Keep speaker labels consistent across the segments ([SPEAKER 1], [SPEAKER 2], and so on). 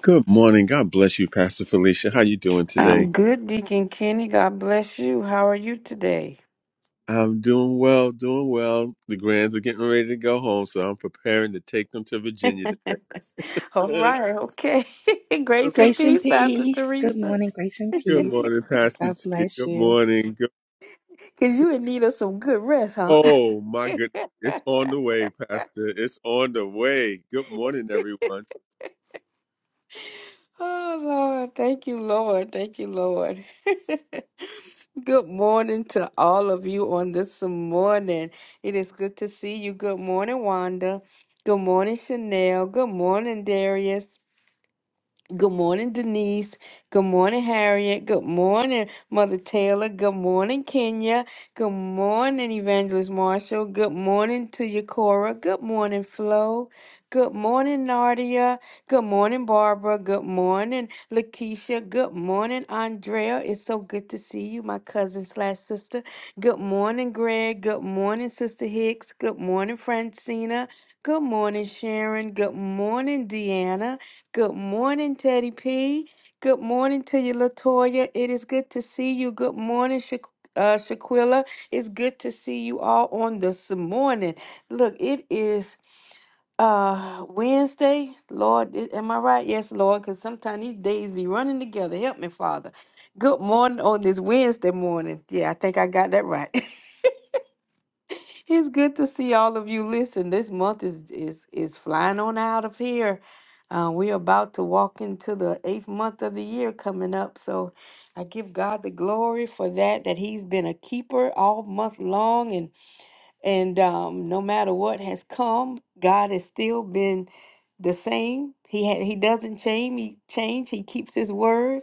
[SPEAKER 1] Good morning. God bless you, Pastor Felicia. How you doing today?
[SPEAKER 2] I'm good, Deacon Kenny. God bless you. How are you today?
[SPEAKER 1] I'm doing well, doing well. The grands are getting ready to go home, so I'm preparing to take them to Virginia
[SPEAKER 2] All
[SPEAKER 1] today.
[SPEAKER 2] right, okay. Grace and
[SPEAKER 3] Grace and
[SPEAKER 2] peace, Pastor
[SPEAKER 3] peace. Good
[SPEAKER 2] Teresa.
[SPEAKER 3] morning, grace and
[SPEAKER 1] Good
[SPEAKER 3] peace.
[SPEAKER 1] morning, Pastor
[SPEAKER 3] God
[SPEAKER 1] T.
[SPEAKER 3] bless
[SPEAKER 1] Good
[SPEAKER 3] you.
[SPEAKER 1] morning. Good.
[SPEAKER 2] Because you in need of some good rest, huh?
[SPEAKER 1] Oh my goodness, it's on the way, Pastor. It's on the way. Good morning, everyone.
[SPEAKER 2] Oh, Lord. Thank you, Lord. Thank you, Lord. good morning to all of you on this morning. It is good to see you. Good morning, Wanda. Good morning, Chanel. Good morning, Darius. Good morning, Denise. Good morning, Harriet. Good morning, Mother Taylor. Good morning, Kenya. Good morning, Evangelist Marshall. Good morning to you, Cora. Good morning, Flo. Good morning, Nardia. Good morning, Barbara. Good morning, Lakeisha. Good morning, Andrea. It's so good to see you, my cousin slash sister. Good morning, Greg. Good morning, Sister Hicks. Good morning, Francina. Good morning, Sharon. Good morning, Deanna. Good morning, Teddy P. Good morning to you, Latoya. It is good to see you. Good morning, Sha- uh, Shaquilla. It's good to see you all on this morning. Look, it is uh Wednesday. Lord, i- am I right? Yes, Lord, because sometimes these days be running together. Help me, Father. Good morning on this Wednesday morning. Yeah, I think I got that right. It's good to see all of you. Listen, this month is is is flying on out of here. Uh, we're about to walk into the eighth month of the year coming up. So I give God the glory for that, that He's been a keeper all month long and and um, no matter what has come, God has still been the same. He ha- he doesn't change. He change. He keeps his word.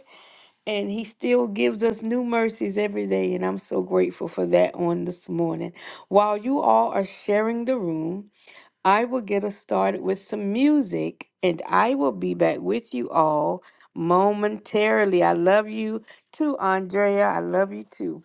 [SPEAKER 2] And he still gives us new mercies every day. And I'm so grateful for that on this morning. While you all are sharing the room, I will get us started with some music and I will be back with you all momentarily. I love you too, Andrea. I love you too.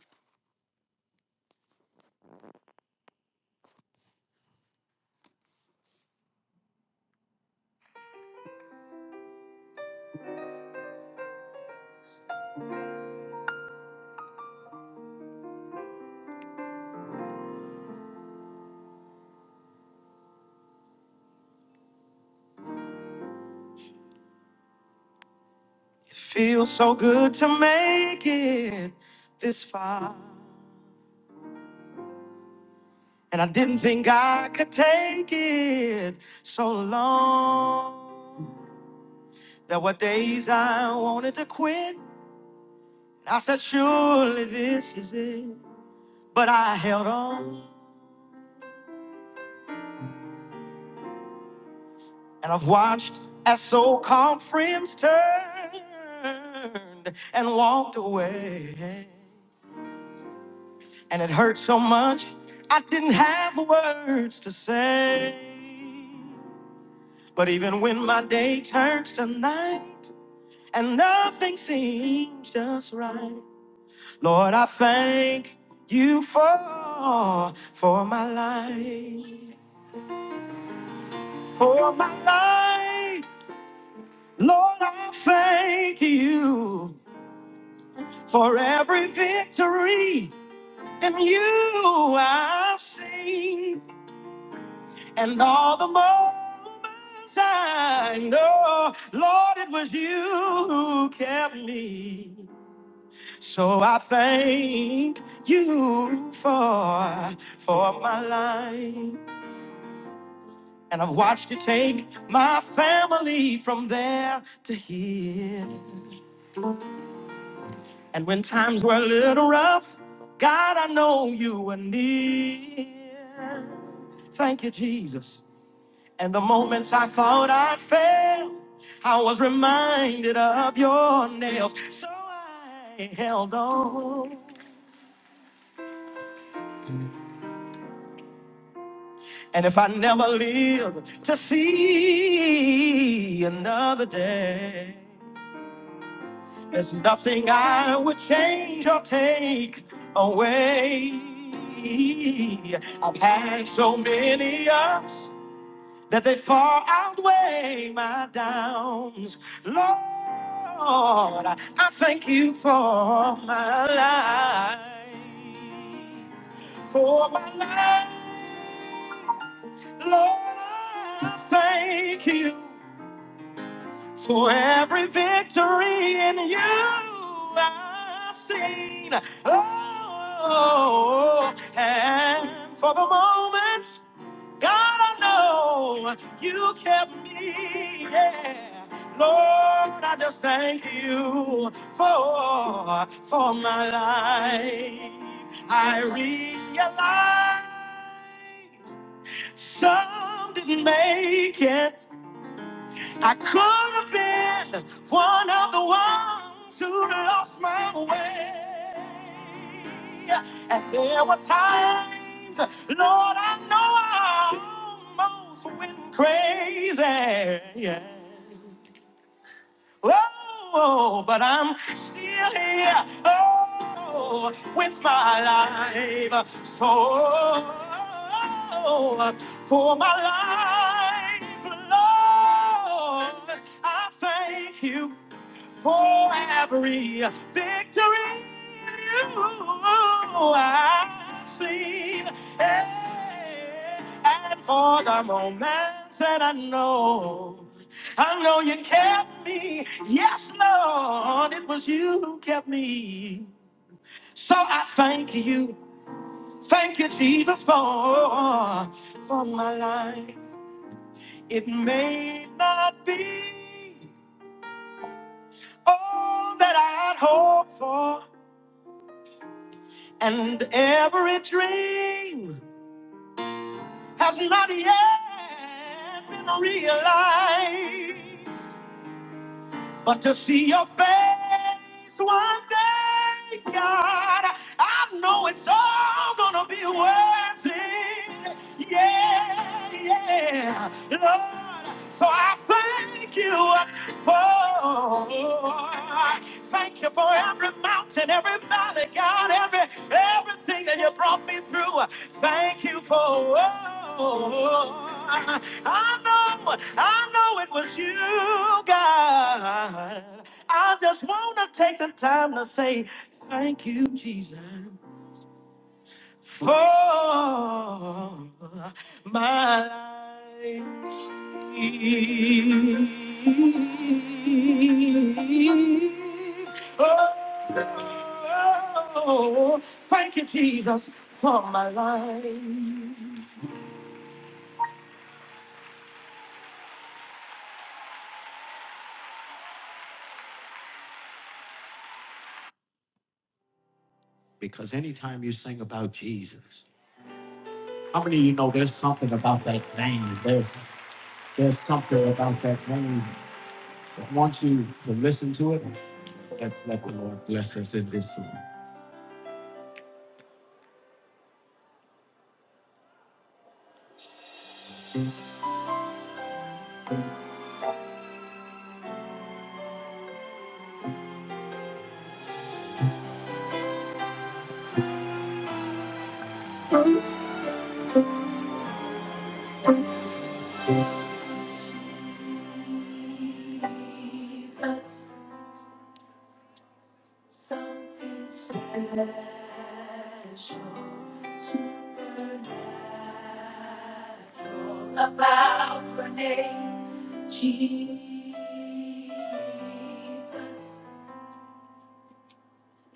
[SPEAKER 2] It feels so good to make it this far. And I didn't think I could take it so long. There were days I wanted to quit. And I said, surely this is it. But I held on. And I've watched as so-called friends turned and walked away. And it hurt so much, I didn't have words to say. But even when my day turns to night and nothing seems just right, Lord, I thank you for for my life, for my life. Lord, I thank you for every victory in you I've seen and all the moments I know. Lord, it was you who kept me. So I thank you for for my life. And I've watched you take my family from there to here. And when times were a little rough, God, I know you were near. Thank you, Jesus. And the moments I thought I'd fail, I was reminded of your nails. So I held on. And if I never live to see another day, There's nothing I would change or take away. I've had so many ups that they far outweigh my downs. Lord, I thank you for my life. For my life. Lord, I thank you. For every victory in you I've seen. Oh, and for the moments, God, I know you kept me. Yeah. Lord, I just thank you for, for my life. I realize some didn't make it. I could have been one of the ones who lost my way. And there were times, Lord, I know I almost went crazy. Yeah. Oh, but I'm still here. Oh, with my life. So, for my life, Lord, I thank you. For every victory you I've seen, Eh, and for the moments that I know, I know you kept me. Yes, Lord, it was you who kept me. So I thank you, thank you, Jesus, for for my life. It may not be all that I'd hoped for. And every dream has not yet been realized. But to see your face one day, God, I know it's all gonna be worth it. Yeah, yeah, Lord. So I thank you for God. Thank you for every mountain, every valley, God, every everything that you brought me through. Thank you for. oh, I know, I know it was you, God. I just wanna take the time to say thank you, Jesus for my life. Oh, thank you, Jesus, for my life. Because anytime you sing about Jesus, how many of you know there's something about that name? There's there's something about that name I want you to listen to it. Let's let the Lord bless us in this song. Jesus, something special, supernatural about your name, Jesus.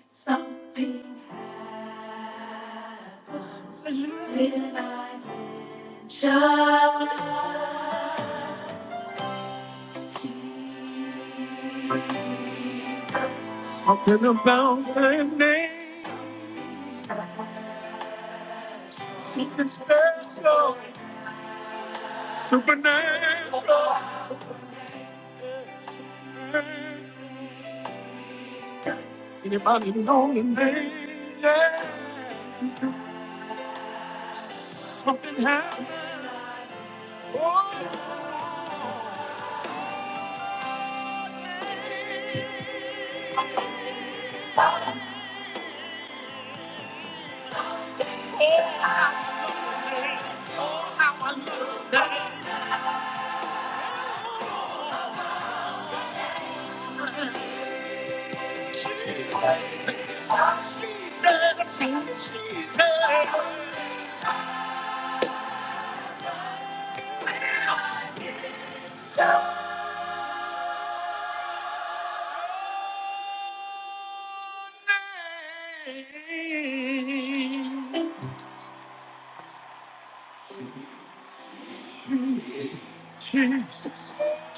[SPEAKER 2] Something happens when I mention Jesus. Something about my name. Something special, supernatural. Anybody know the name? Yeah. Something happened. Oh, how I love that. Jesus, Jesus. Name.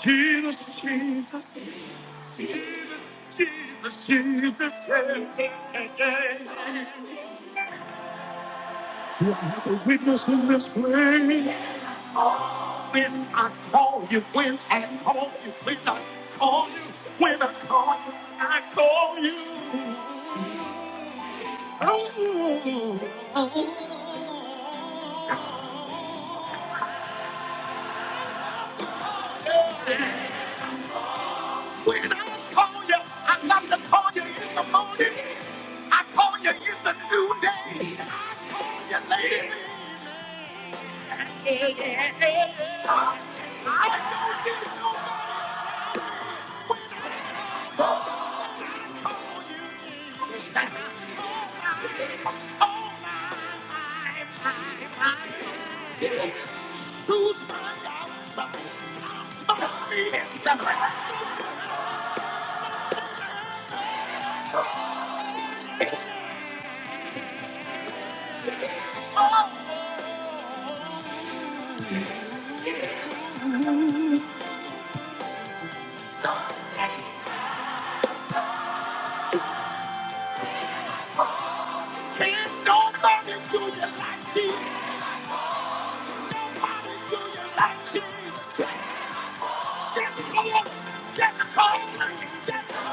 [SPEAKER 2] Jesus, Jesus, Jesus, Jesus, Jesus, Jesus, yeah. The witness in this place. When I call you, when I call you, when I call you, when I call you, I call you. Oh, when I call you, I got to call you in the morning. I call you in the noonday. I call you later. There's nobody to lie to you like she just called. Just call me. Just call.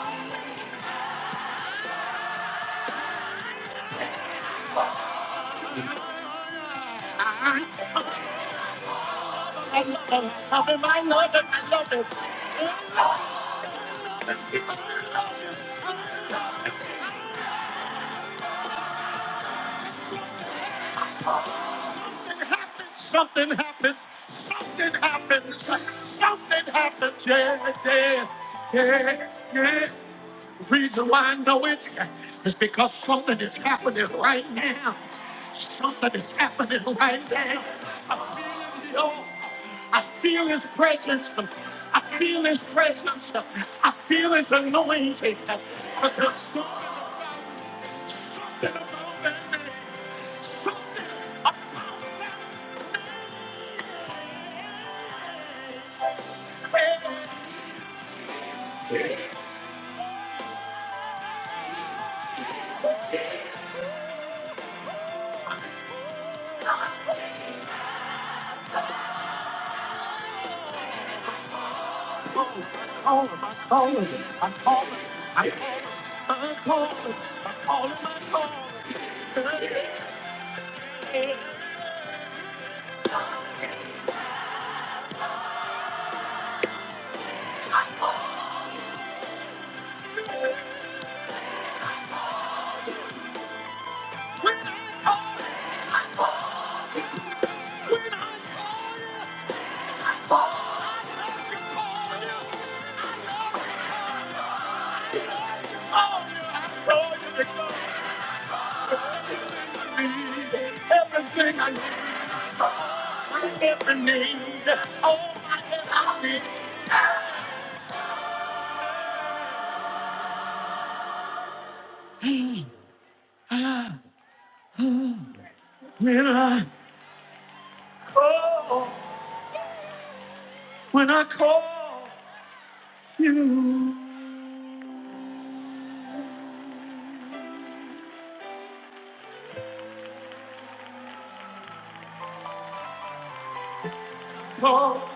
[SPEAKER 2] I I love him. I love him. I love him. I love him. happens, something happens, something happens, something happens, yeah, yeah, yeah, yeah. The reason why I know it is because something is happening right now. Something is happening right now. I feel the all. I feel his presence. I feel his presence. I feel his anointing. But there's something about, something about that name. Something about that Hey, ah, When I call, when I call you, call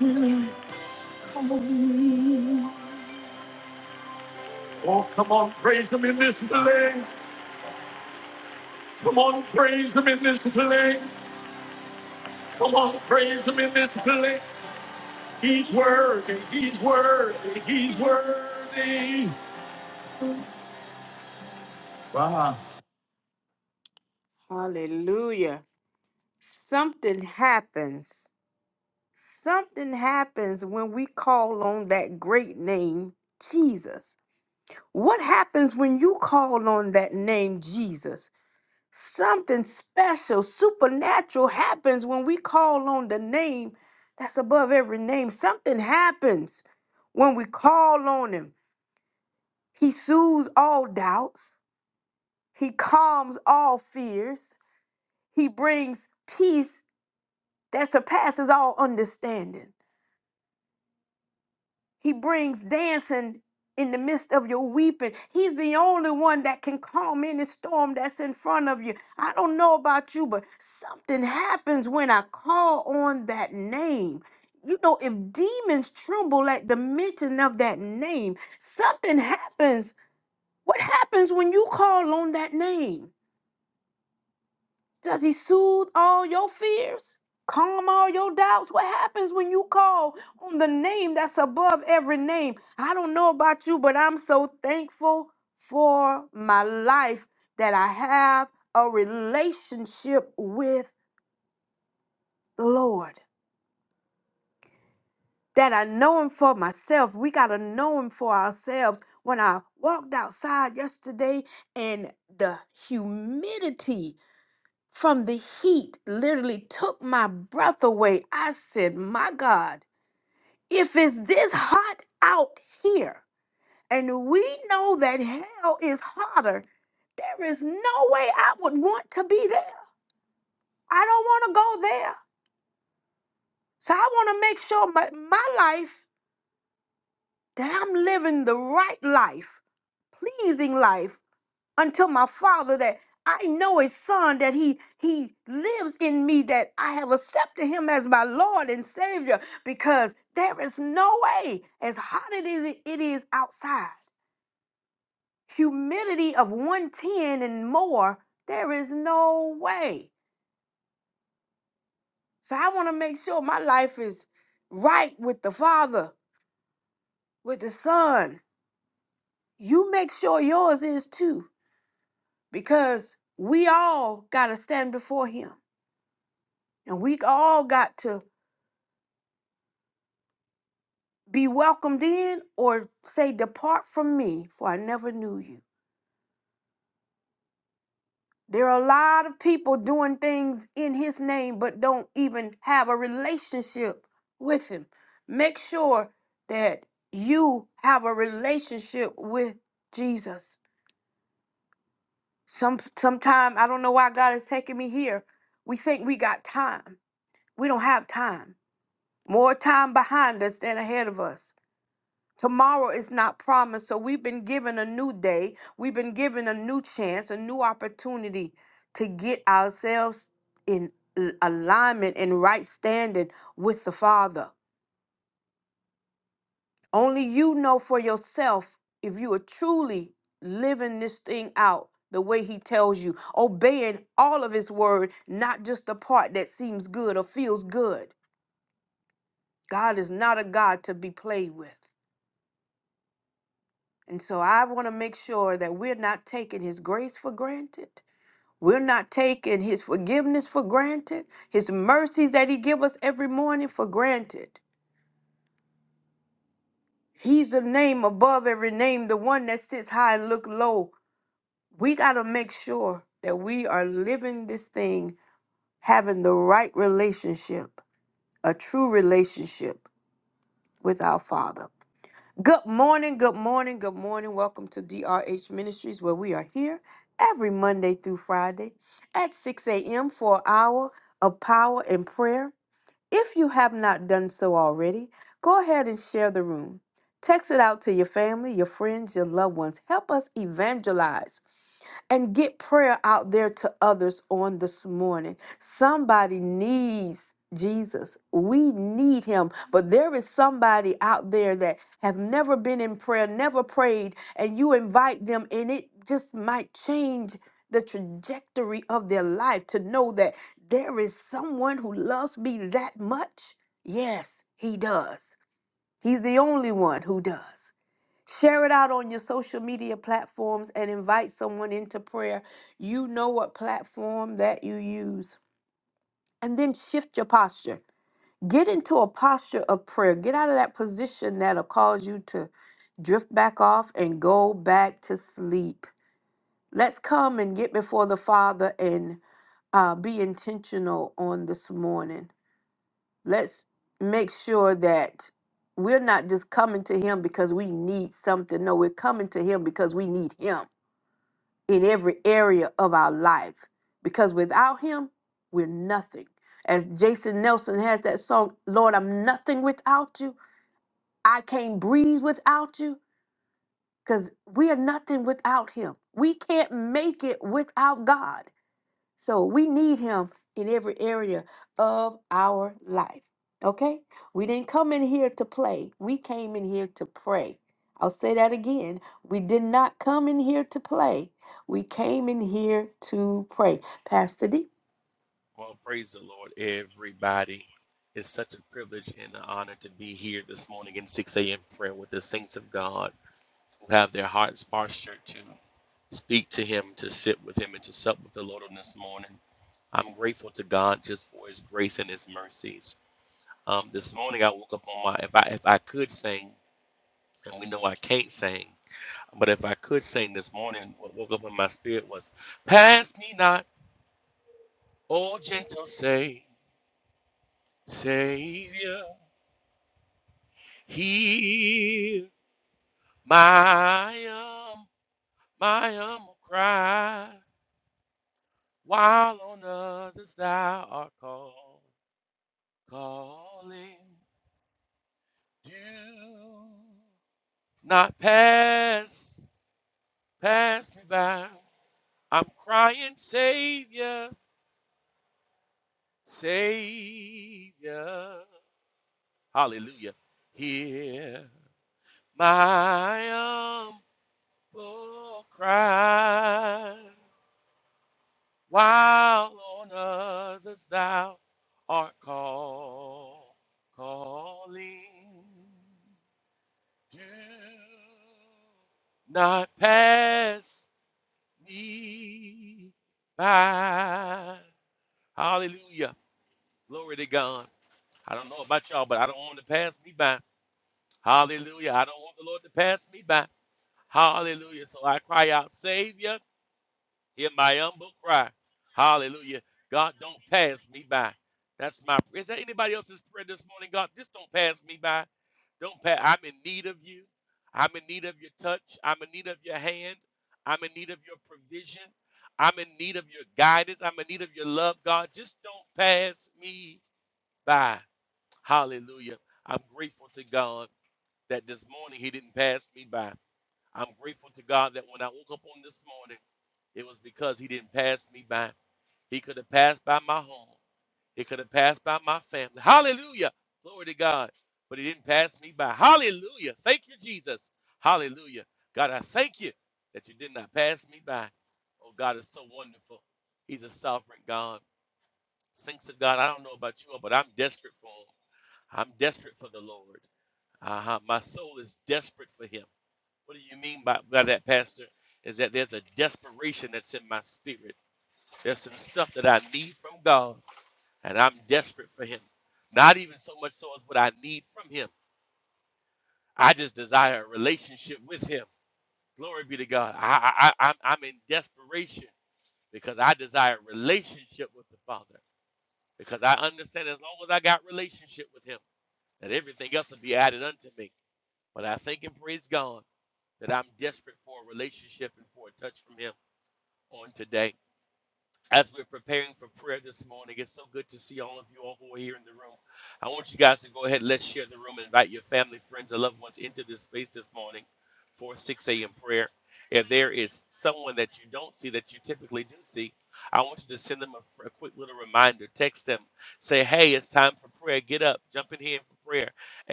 [SPEAKER 2] when I call you. Oh, come on, praise Him in this place. Come on, praise Him in this place. Come on, praise Him in this place. He's worthy, He's worthy, He's worthy. Wow. Hallelujah. something happens. Something happens when we call on that great name, Jesus. What happens when you call on that name, Jesus? Something special, supernatural happens when we call on the name that's above every name. Something happens when we call on him. He soothes all doubts, he calms all fears, he brings peace that surpasses all understanding. He brings dancing in the midst of your weeping. He's the only one that can calm any storm that's in front of you. I don't know about you, but something happens when I call on that name. You know, if demons tremble at the mention of that name, something happens. What happens when you call on that name? Does he soothe all your fears? Calm all your doubts? What happens when you call on the name that's above every name? I don't know about you, but I'm so thankful for my life that I have a relationship with the Lord. That I know him for myself. We got to know him for ourselves. When I walked outside yesterday and the humidity from the heat literally took my breath away. I said, My God, if it's this hot out here, and we know that hell is hotter, there is no way I would want to be there. I don't want to go there. So I want to make sure my, my life that I'm living the right life, pleasing life unto my father that I know his son that he he lives in me that I have accepted him as my Lord and Savior because there is no way as hot as it is it is outside humidity of 110 and more there is no way so I want to make sure my life is right with the father with the son you make sure yours is too because we all got to stand before him and we all got to be welcomed in or say depart from me for i never knew you there are a lot of people doing things in his name but don't even have a relationship with him make sure that you have a relationship with jesus some sometime i don't know why god is taking me here we think we got time we don't have time more time behind us than ahead of us Tomorrow is not promised. So we've been given a new day. We've been given a new chance, a new opportunity to get ourselves in l- alignment and right standing with the Father. Only you know for yourself if you are truly living this thing out the way he tells you, obeying all of his word, not just the part that seems good or feels good. God is not a God to be played with. And so I want to make sure that we're not taking his grace for granted. We're not taking his forgiveness for granted, his mercies that he give us every morning for granted. He's the name above every name, the one that sits high and look low. We got to make sure that we are living this thing, having the right relationship, a true relationship with our Father. Good morning, good morning, good morning. Welcome to DRH Ministries, where we are here every Monday through Friday at 6 a.m. for an hour of power and prayer. If you have not done so already, go ahead and share the room. Text it out to your family, your friends, your loved ones. Help us evangelize and get prayer out there to others on this morning. Somebody needs Jesus. We need him. But there is somebody out there that have never been in prayer, never prayed, and you invite them and it just might change the trajectory of their life to know that there is someone who loves me that much. Yes, he does. He's the only one who does. Share it out on your social media platforms and invite someone into prayer. You know what platform that you use. And then shift your posture. Get into a posture of prayer. Get out of that position that'll cause you to drift back off and go back to sleep. Let's come and get before the Father and uh, be intentional on this morning. Let's make sure that we're not just coming to Him because we need something. No, we're coming to Him because we need Him. in every area of our life because without him we're nothing as jason nelson has that song lord i'm nothing without you i can't breathe without you because we are nothing without him we can't make it without god so we need him in every area of our life. Okay? We didn't come in here to play. We came in here to pray. I'll say that again. We did not come in here to play. We came in here to pray. Pastor D.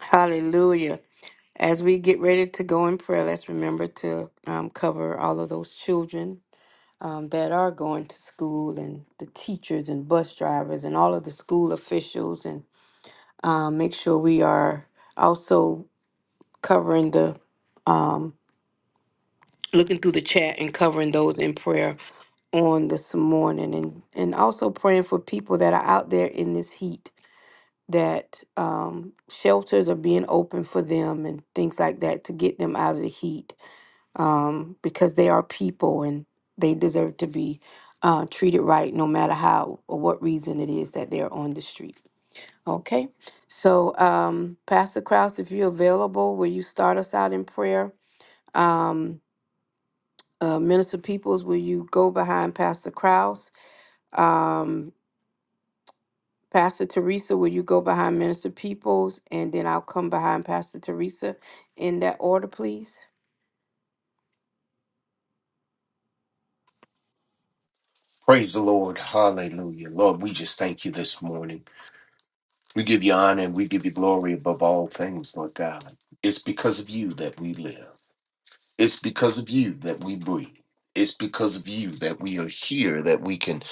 [SPEAKER 2] Hallelujah. As we get ready to go in prayer, let's remember to um, cover all of those children um, that are going to school and the teachers and bus drivers and all of the school officials and. um, make sure we are also covering the um, looking through the chat and covering those in prayer on this morning and and also praying for people that are out there in this heat that um, shelters are being open for them and things like that to get them out of the heat um, because they are people and they deserve to be uh, treated right no matter how or what reason it is that they're on the street Okay, so um, Pastor Kraus, if you're available, will you start us out in prayer? Um, uh, Minister Peoples, will you go behind Pastor Kraus? Um, Pastor Teresa, will you go behind Minister Peoples? And then I'll come behind Pastor Teresa in that order, please.
[SPEAKER 4] Praise the Lord. Hallelujah. Lord, we just thank you this morning. We give you honor and we give you glory above all things, Lord God. It's because of you that we live. It's because of you that we breathe. It's because of you that we are here, that we can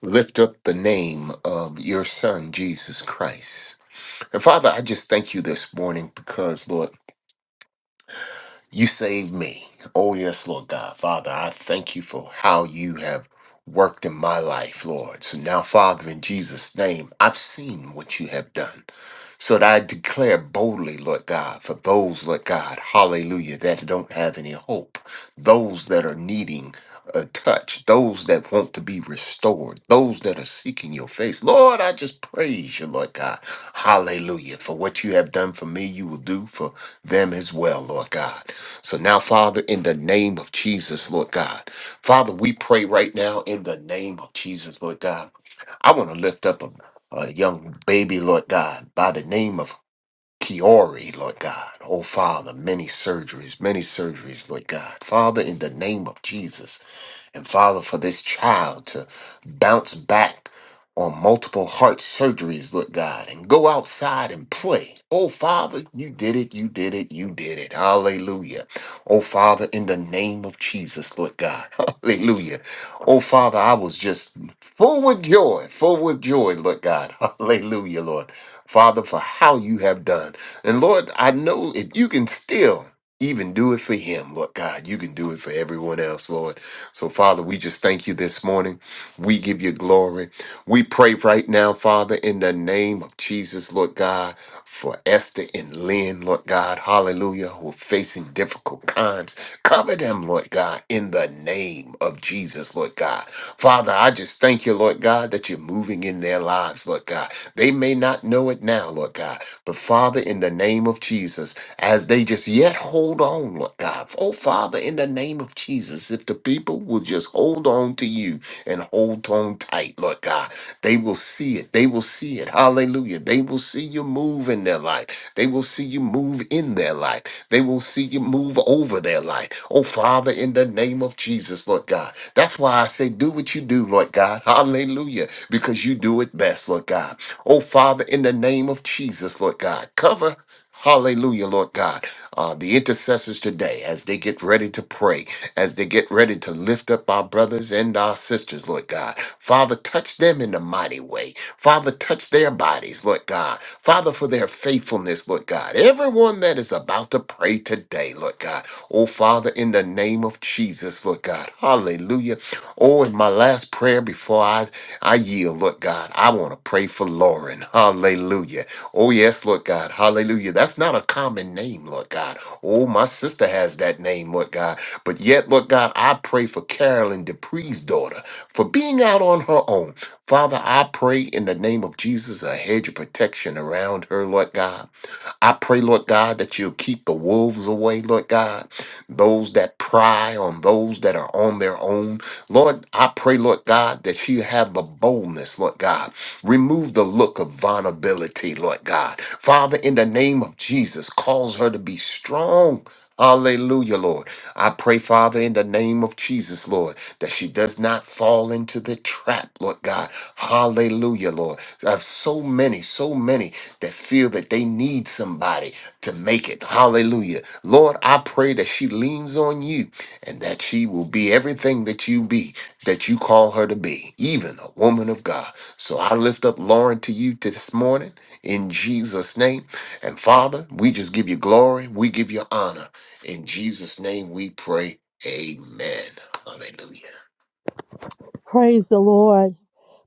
[SPEAKER 4] lift up the name of your Son, Jesus Christ. And Father, I just thank you this morning because, Lord, You saved me. Oh, yes, Lord God. Father, I thank you for how you have worked in my life, Lord. So now, Father, in Jesus' name, I've seen what you have done. So that I declare boldly, Lord God, for those, Lord God, hallelujah, that don't have any hope, those that are needing a touch, those that want to be restored, those that are seeking your face. Lord, I just praise you, Lord God. Hallelujah. For what you have done for me, you will do for them as well, Lord God. So now, Father, in the name of Jesus, Lord God, Father, we pray right now in the name of Jesus, Lord God. I want to lift up a, a young baby, Lord God, by the name of Kiori, Lord God. Oh, Father, many surgeries, many surgeries, Lord God. Father, in the name of Jesus. And Father, for this child to bounce back on multiple heart surgeries, look, God, and go outside and play. Oh, Father, you did it, you did it, you did it. Hallelujah. Oh, Father, in the name of Jesus, Lord God. Hallelujah. Oh, Father, I was just full with joy, full with joy, Lord God. Hallelujah, Lord. Father, for how you have done. And Lord, I know if you can still even do it for him, Lord God, you can do it for everyone else, Lord. So, Father, we just thank you this morning. We give you glory. We pray right now, Father, in the name of Jesus, Lord God, for Esther and Lynn, Lord God, hallelujah, who are facing difficult times. Cover them, Lord God, in the name of Jesus, Lord God. Father, I just thank you, Lord God, that you're moving in their lives, Lord God. They may not know it now, Lord God, but Father, in the name of Jesus, as they just yet hold on, Lord God. Oh, Father, in the name of Jesus, if the people will just hold on to you and hold on tight, Lord God, they will see it. They will see it. Hallelujah. They will see you move in their life. They will see you move in their life. They will see you move over their life. Oh, Father, in the name of Jesus, Lord God. That's why I say, do what you do, Lord God. Hallelujah. Because you do it best, Lord God. Oh, Father, in the name of Jesus, Lord God, cover Hallelujah, Lord God. Uh, the intercessors today, as they get ready to pray, as they get ready to lift up our brothers and our sisters, Lord God. Father, touch them in a mighty way. Father, touch their bodies, Lord God. Father, for their faithfulness, Lord God. Everyone that is about to pray today, Lord God. Oh, Father, in the name of Jesus, Lord God. Hallelujah. Oh, in my last prayer before I, I yield, Lord God, I want to pray for Lauren. Hallelujah. Oh, yes, Lord God. Hallelujah. That's not a common name, Lord God. Oh, my sister has that name, Lord God. But yet, Lord God, I pray for Carolyn Dupree's daughter for being out on her own. Father, I pray in the name of Jesus a hedge of protection around her, Lord God. I pray, Lord God, that you'll keep the wolves away, Lord God, those that pry on those that are on their own. Lord, I pray, Lord God, that you have the boldness, Lord God. Remove the look of vulnerability, Lord God. Father, in the name of Jesus, cause her to be strong. Hallelujah, Lord. I pray, Father, in the name of Jesus, Lord, that she does not fall into the trap, Lord God. Hallelujah, Lord. I have so many, so many that feel that they need somebody to make it. Hallelujah. Lord, I pray that she leans on you and that she will be everything that you be, that you call her to be, even a woman of God. So I lift up Lauren to you this morning in Jesus' name. And Father, we just give you glory. We give you honor. In Jesus' name we pray. Amen. Hallelujah.
[SPEAKER 5] Praise the Lord.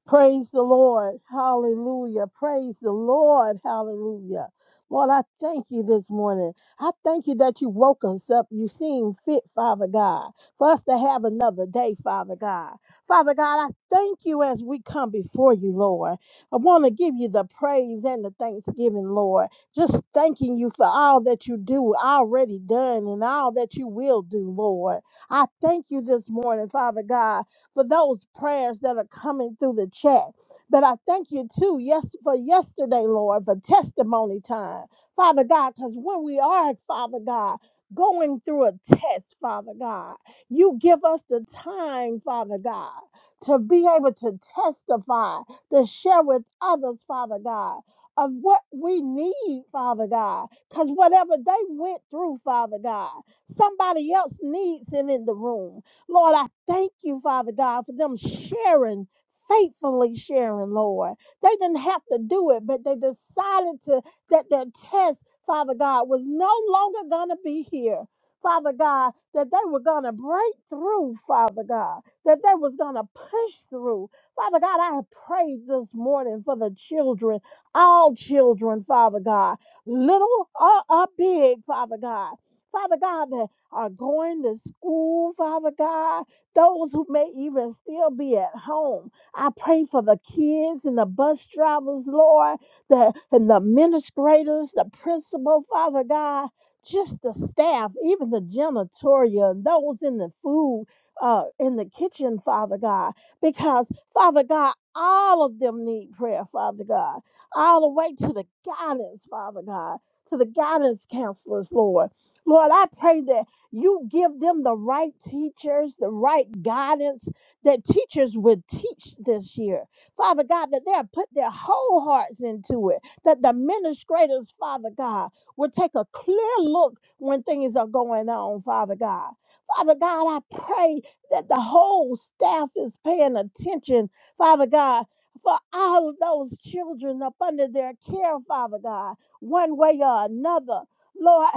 [SPEAKER 5] Praise the Lord. Hallelujah. Praise the Lord. Hallelujah. Lord, I thank you this morning. I thank you that you woke us up. You seem fit, Father God, for us to have another day, Father God. Father God, I thank you as we come before you, Lord. I want to give you the praise and the thanksgiving, Lord. Just thanking you for all that you do, already done, and all that you will do, Lord. I thank you this morning, Father God for those prayers that are coming through the chat. But I thank you too, yes, for yesterday, Lord, for testimony time, Father God, because when we are, Father God, going through a test, Father God, you give us the time, Father God, to be able to testify, to share with others, Father God, of what we need, Father God, because whatever they went through, Father God, somebody else needs it in the room Lord, I thank you, Father God, for them sharing, faithfully sharing, Lord. They didn't have to do it, but they decided to that their test, Father God, was no longer gonna be here. Father God, that they were gonna break through, Father God, that they was gonna push through. Father God, I have prayed this morning for the children, all children, Father God, little or, or big, Father God. Father God, that are going to school, Father God, those who may even still be at home. I pray for the kids and the bus drivers, Lord, the, and the administrators, the principal, Father God, just the staff, even the janitorial, and those in the food, uh, in the kitchen, Father God, because, Father God, all of them need prayer, Father God, all the way to the guidance, Father God, to the guidance counselors, Lord. Lord, I pray that you give them the right teachers, the right guidance that teachers would teach this year. Father God, that they have put their whole hearts into it, that the administrators, Father God, will take a clear look when things are going on, Father God. Father God, I pray that the whole staff is paying attention, Father God, for all of those children up under their care, Father God, one way or another. Lord,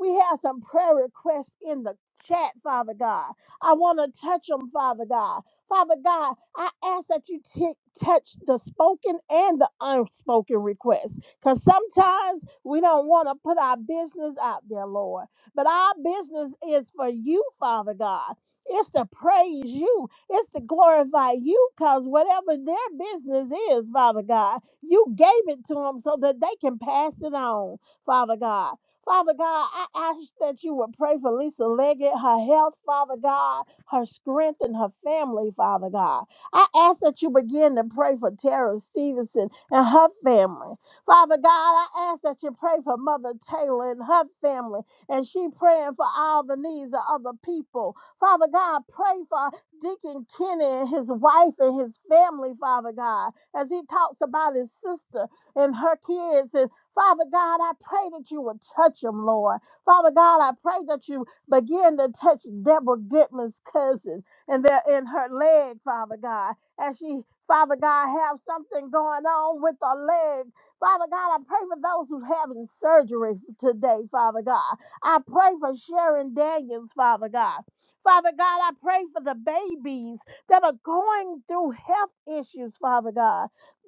[SPEAKER 5] we have some prayer requests in the chat, Father God. I want to touch them, Father God. Father God, I ask that you t- touch the spoken and the unspoken requests. Because sometimes we don't want to put our business out there, Lord. But our business is for you, Father God. It's to praise you, it's to glorify you. Because whatever their business is, Father God, you gave it to them so that they can pass it on, Father God. Father God, I ask that you would pray for Lisa Leggett, her health, Father God, her strength, and her family, Father God. I ask that you begin to pray for Tara Stevenson and her family. Father God, I ask that you pray for Mother Taylor and her family, and she praying for all the needs of other people. Father God, pray for Deacon Kenny and his wife and his family, Father God, as he talks about his sister and her kids Father God, I pray that you would touch him, Lord. Father God, I pray that you begin to touch Deborah Goodman's cousin and they're in her leg, Father God, as she, Father God, have something going on with her leg. Father God, I pray for those who having surgery today, Father God. I pray for Sharon Daniels, Father God. Father God, I pray for the babies that are going through health issues, Father God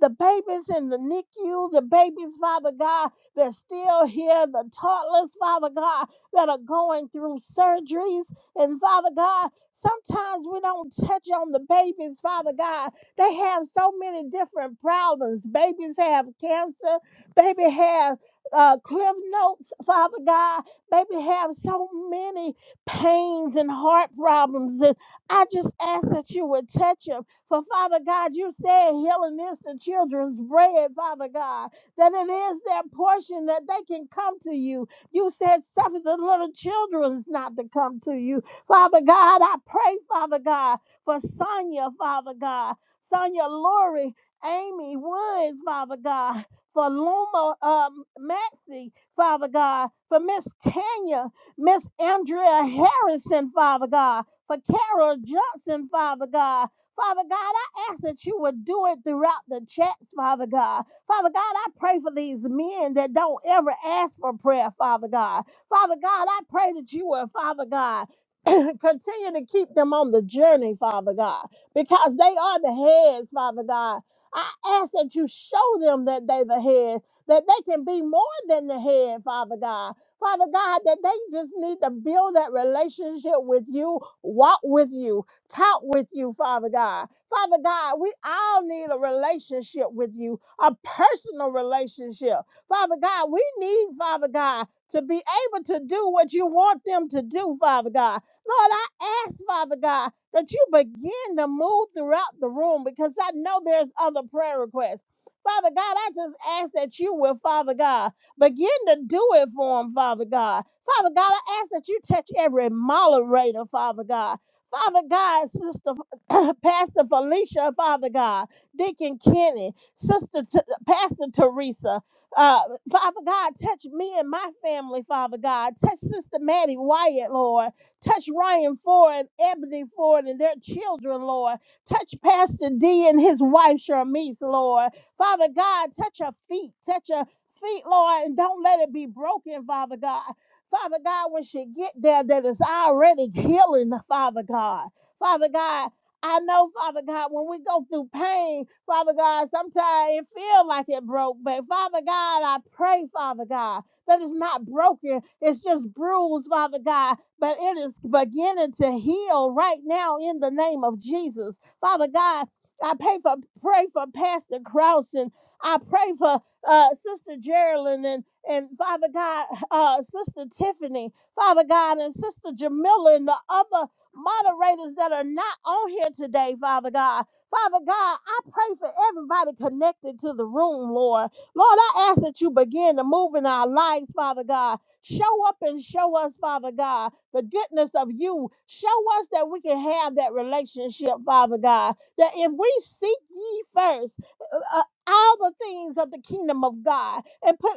[SPEAKER 5] the babies in the NICU, the babies, Father God, that's still here, the toddlers, Father God, that are going through surgeries. And Father God, sometimes we don't touch on the babies, Father God. They have so many different problems. Babies have cancer, baby have uh, cliff notes, Father God. Baby have so many pains and heart problems. And I just ask that you would touch them for Father God, you said healing is the children's bread, Father God, that it is their portion that they can come to you. You said suffer the little children's not to come to you. Father God, I pray, Father God, for Sonia, Father God, Sonia Lori, Amy Woods, Father God, for Luma um, Maxie, Father God, for Miss Tanya, Miss Andrea Harrison, Father God, for Carol Johnson, Father God, Father God, I ask that you would do it throughout the chats, Father God. Father God, I pray for these men that don't ever ask for prayer, Father God. Father God, I pray that you will, Father God, continue to keep them on the journey, Father God, because they are the heads, Father God. I ask that you show them that they are the head, that they can be more than the head, Father God. Father God, that they just need to build that relationship with you, walk with you, talk with you, Father God. Father God, we all need a relationship with you, a personal relationship. Father God, we need, Father God, to be able to do what you want them to do, Father God. Lord, I ask, Father God, that you begin to move throughout the room because I know there's other prayer requests. Father God, I just ask that you will, Father God, begin to do it for them, Father God. Father God, I ask that you touch every moderator, Father God. Father God, Sister Pastor Felicia, Father God, Deacon Kenny, Sister T- Pastor Teresa, uh, Father God, touch me and my family, Father God. Touch Sister Maddie Wyatt, Lord. Touch Ryan Ford and Ebony Ford and their children, Lord. Touch Pastor D and his wife, Sharmise, Lord. Father God, touch her feet. Touch her feet, Lord, and don't let it be broken, Father God. Father God, when she get there, that is already healing, Father God. Father God, I know, Father God, when we go through pain, Father God, sometimes it feel like it broke, but Father God, I pray, Father God, that it's not broken, it's just bruised, Father God, but it is beginning to heal right now in the name of Jesus. Father God, I pray for pray for Pastor Krause and I pray for uh, Sister Geraldine and and Father God, uh, Sister Tiffany, Father God, and Sister Jamila, and the other moderators that are not on here today, Father God. Father God, I pray for everybody connected to the room, Lord. Lord, I ask that you begin to move in our lives, Father God. Show up and show us, Father God, the goodness of you. Show us that we can have that relationship, Father God. That if we seek ye first, uh, uh, all the things of the kingdom of God and put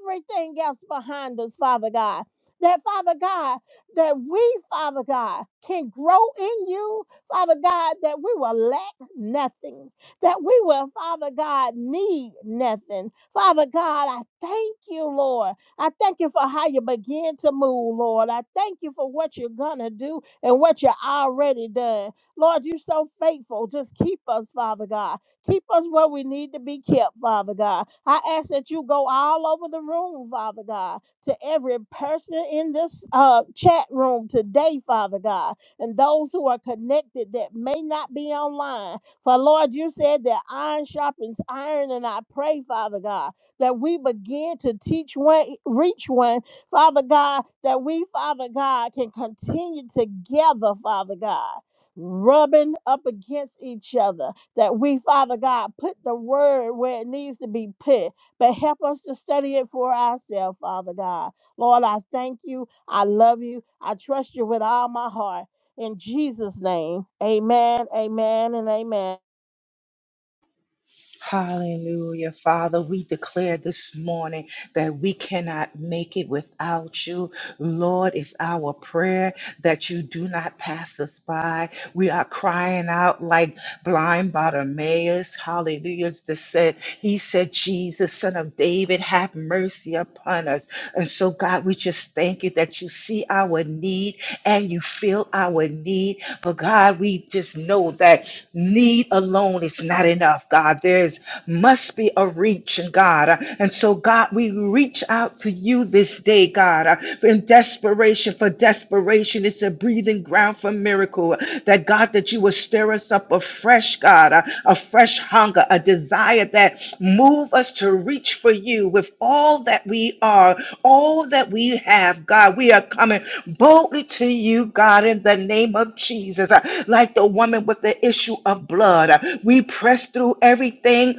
[SPEAKER 5] everything else behind us, Father God. That, Father God, that we, Father God, can grow in you, Father God, that we will lack nothing, that we will, Father God, need nothing. Father God, I thank you, Lord. I thank you for how you begin to move, Lord. I thank you for what you're going to do and what you already done. Lord, you're so faithful. Just keep us, Father God. Keep us where we need to be kept, Father God. I ask that you go all over the room, Father God, to every person in this uh, chat room today, Father God, and those who are connected that may not be online. For Lord, you said that iron sharpens iron, and I pray, Father God, that we begin to teach one, reach one, Father God, that we, Father God, can continue together, Father God, rubbing up against each other that we, Father God, put the word where it needs to be put, but help us to study it for ourselves, Father God. Lord, I thank you. I love you. I trust you with all my heart. In Jesus' name, amen, amen, and amen.
[SPEAKER 3] Hallelujah. Father, we declare this morning that we cannot make it without you. Lord, it's our prayer that you do not pass us by. We are crying out like blind Bartimaeus. Hallelujah. It's the said, he said, Jesus, son of David, have mercy upon us. And so, God, we just thank you that you see our need and you feel our need. But God, we just know that Need alone is not enough, God. There's must be a reach, God. And so, God, we reach out to you this day, God, in desperation, for desperation is a breathing ground for miracle. That, God, that you will stir us up afresh, God, a fresh hunger, a desire that move us to reach for you with all that we are, all that we have, God. We are coming boldly to you, God, in the name of Jesus. Like the woman with the issue of blood, we press through everything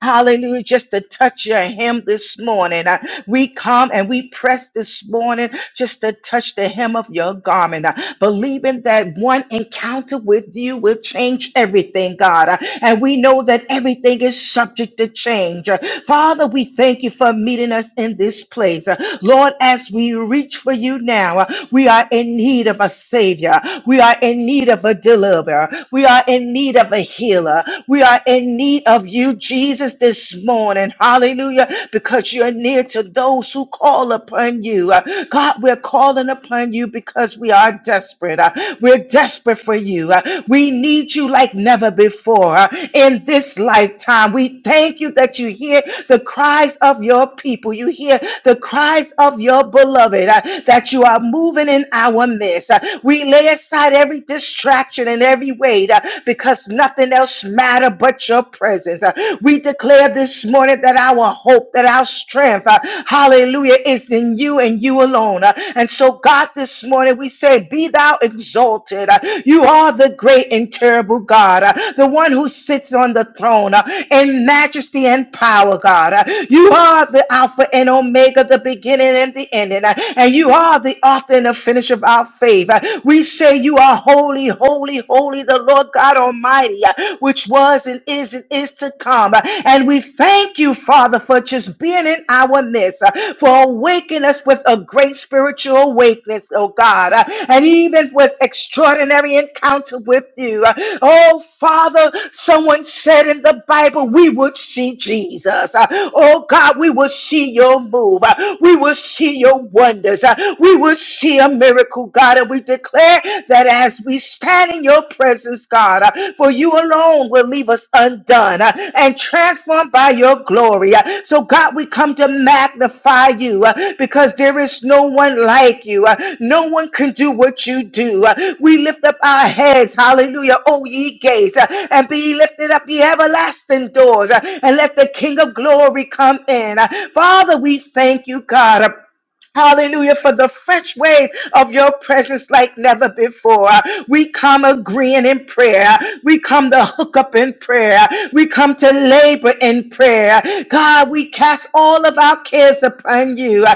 [SPEAKER 3] Hallelujah. Just to touch your hem this morning. Uh, We come and we press this morning just to touch the hem of your garment, uh, believing that one encounter with you will change everything, God. Uh, And we know that everything is subject to change. Uh, Father, we thank you for meeting us in this place. Uh, Lord, as we reach for you now, uh, we are in need of a Savior. We are in need of a deliverer. We are in need of a healer. We are in need of you, Jesus, this morning. Hallelujah. Because you're near to those who call upon you. Uh, God, we're calling upon you because we are desperate. Uh, We're desperate for you. Uh, We need you like never before uh, in this lifetime. We thank you that you hear the cries of your people. You hear the cries of your beloved, uh, that you are moving in our midst. Uh, We lay aside every distraction and every weighed uh, because nothing else matter but your presence. Uh, We declare this morning that our hope, that our strength, uh, hallelujah, is in you and you alone. Uh, And so, God, this morning we say, Be thou exalted. Uh, You are the great and terrible God, uh, the one who sits on the throne uh, in majesty and power, God. Uh, You are the Alpha and Omega, the beginning and the ending, uh, and you are the author and the finish of our faith. Uh, We say, say you are holy, holy, holy, the Lord God Almighty, uh, which was and is and is to come. Uh, And we thank you, Father, for just being in our midst, uh, for awakening us with a great spiritual awakening, oh God, uh, and even with extraordinary encounter with you. Uh, Oh, Father, someone said in the Bible, we would see Jesus. Uh, Oh, God, we will see your move. Uh, We will see your wonders. Uh, We will see see a miracle, God. And we declare that as we stand in your presence, God, uh, for you alone will leave us undone uh, and transformed by your glory. Uh, So, God, we come to magnify you uh, because there is no one like you. Uh, No one can do what you do. Uh, We lift up our heads, hallelujah, O ye gates, uh, and be lifted up, ye everlasting doors, uh, and let the King of glory come in. Uh, Father, we thank you, God. uh, Hallelujah, for the fresh wave of your presence like never before. We come agreeing in prayer. We come to hook up in prayer. We come to labor in prayer. God, we cast all of our cares upon you.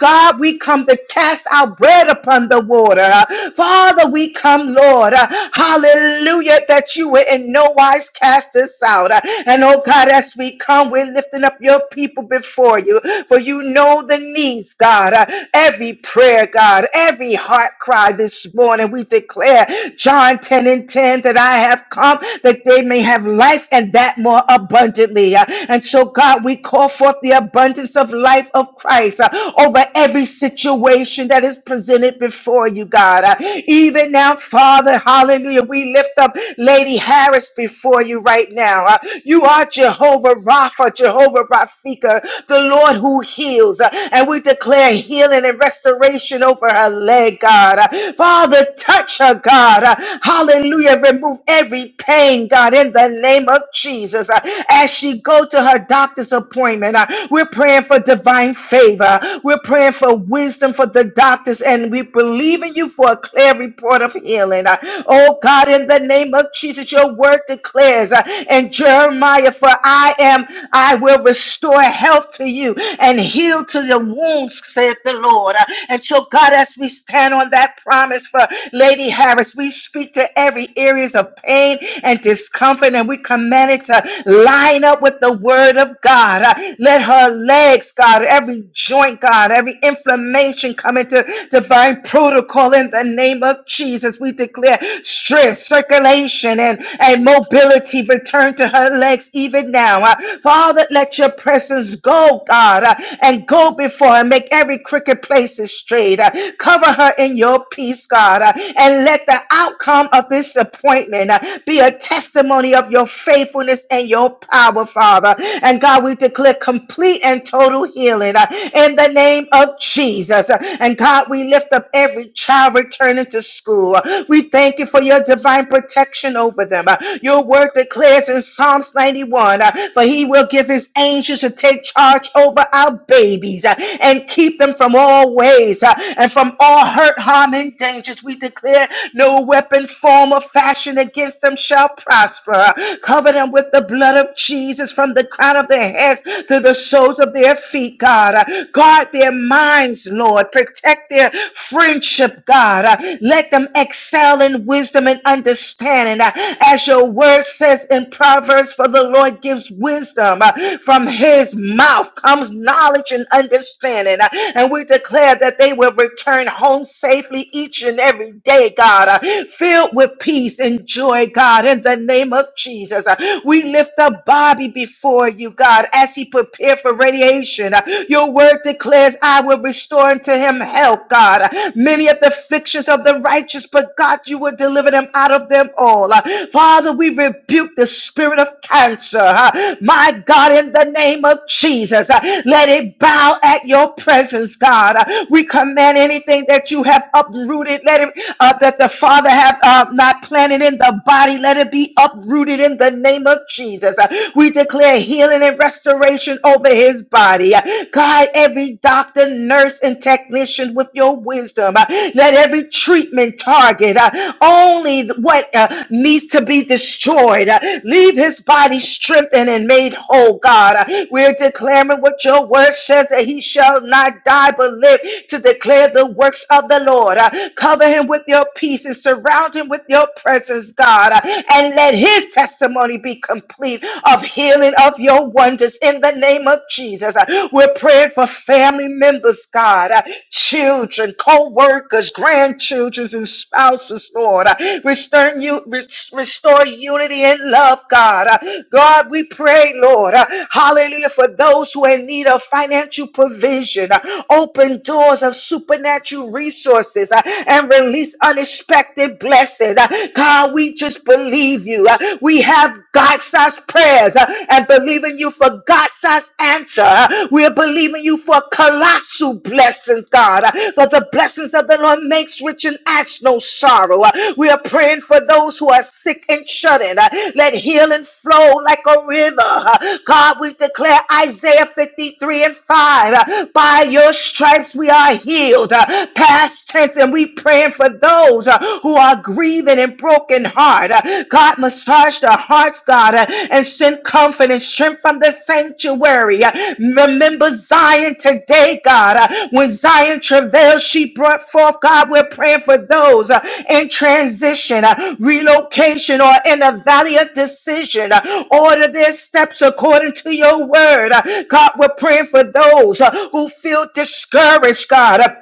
[SPEAKER 3] God, we come to cast our bread upon the water. Father, we come, Lord. Hallelujah, that you will in no wise cast us out. And oh God, as we come, we're lifting up your people before you before you, for you know the needs, God. Uh, Every prayer, God, every heart cry this morning, we declare John 10 and 10 that I have come that they may have life and that more abundantly. Uh, And so, God, we call forth the abundance of life of Christ uh, over every situation that is presented before you, God. Uh, Even now, Father, hallelujah, we lift up Lady Harris before you right now. Uh, You are Jehovah. Jehovah Rapha, Jehovah Rafika, the Lord who heals. Uh, And we declare healing and restoration over her leg, God. Uh, Father, touch her, God. Uh, Hallelujah. Remove every pain, God, in the name of Jesus. Uh, As she go to her doctor's appointment, uh, we're praying for divine favor. We're praying for wisdom for the doctors, and we believe in you for a clear report of healing. Uh, Oh, God, in the name of Jesus, your word declares declares uh, in Jeremiah, for I am, I will restore health to you and heal to your wounds, saith the Lord. Uh, And so, God, as we stand on that promise for Lady Harris, we speak to every areas of pain and discomfort, and we command it to line up with the word of God. Uh, Let her legs, God, every joint, God, every inflammation come into divine protocol in the name of Jesus. We declare strength strength, circulation, and, and mobility return to her legs even now. Uh, Father, let your presence go, God, uh, and go before and Make every crooked place straight. Uh, cover her in your peace, God, uh, and let the outcome of this appointment uh, be a testimony of your faithfulness and your power, Father. And God, we declare complete and total healing uh, in the name of Jesus. Uh, And God, we lift up every child returning to school. We thank you for your divine protection over them. Your word declares in Psalms 91 uh, for he will give his angels to take charge over our babies uh, and keep them from all ways uh, and from all hurt, harm, and dangers. We declare no weapon, form, or fashion against them shall prosper. Cover them with the blood of Jesus from the crown of their heads to the soles of their feet, God. Uh, Guard their minds, Lord. Lord. Protect their friendship, God. Uh, Let them excel in wisdom and understanding. Uh, As your word says in Proverbs, for the Lord gives wisdom. Uh, From his mouth comes knowledge and understanding. Uh, And we declare that they will return home safely each and every day, God, uh, filled with peace and joy, God, in the name of Jesus. Uh, We lift up Bobby before you, God, as he prepared for radiation. Uh, your word declares, I will restore unto him health, God. Many of the afflictions of the righteous, but God, you will deliver them out of them all. Father, we rebuke the spirit of cancer. huh? My God, in the name of Jesus, uh, let it bow at your presence, God. Uh, We command anything that you have uprooted, let it, uh, that the Father have uh, not planted in the body, let it be uprooted in the name of Jesus. Uh, We declare healing healing and restoration over his body. Guide every doctor, nurse, and technician with your wisdom. Let every treatment target uh, only what uh, needs to be destroyed. Uh, Leave his body strengthened and made whole, God. Uh, We're declaring what your word says that he shall not die but live to declare the works of the Lord. Uh, Cover him with your peace and surround him with your presence, God. Uh, And let his testimony testimony be complete of healing of your wonders in the name of Jesus. Uh, We're praying for family members, God, uh, children, co workers, grandchildren, and spouses, Lord. Uh, Restore, you, res- restore unity and love, God. Uh, God, we pray, Lord, uh, hallelujah, for those who are in need of financial provision, uh, open doors of supernatural resources, uh, and release unexpected blessings, Uh, God, God, we just believe you. Uh, We have God sized prayers uh, and believing you for God sized answer. Uh, We're believing you for colossal blessings, God. Uh, For the blessings of the Lord makes rich and adds no sorrow. Uh, We are praying for those who are sick and shut in. Uh, Let healing flow like a river. Uh, God, we declare Isaiah 53 and 5. uh, By your stripes we are healed. Uh, Past tense, and we praying for for those uh, who are grieving and broken heart. Uh, God, massage their hearts, God, uh, and send comfort and strength from the sanctuary. Uh, Remember Zion today, God. Uh, When Zion travailed, she brought forth, God, we're praying for those uh, in transition, uh, relocation, or in a valley of decision. Uh, Order their steps according to your word. Uh, God, we're praying for those uh, who feel discouraged, God. Uh,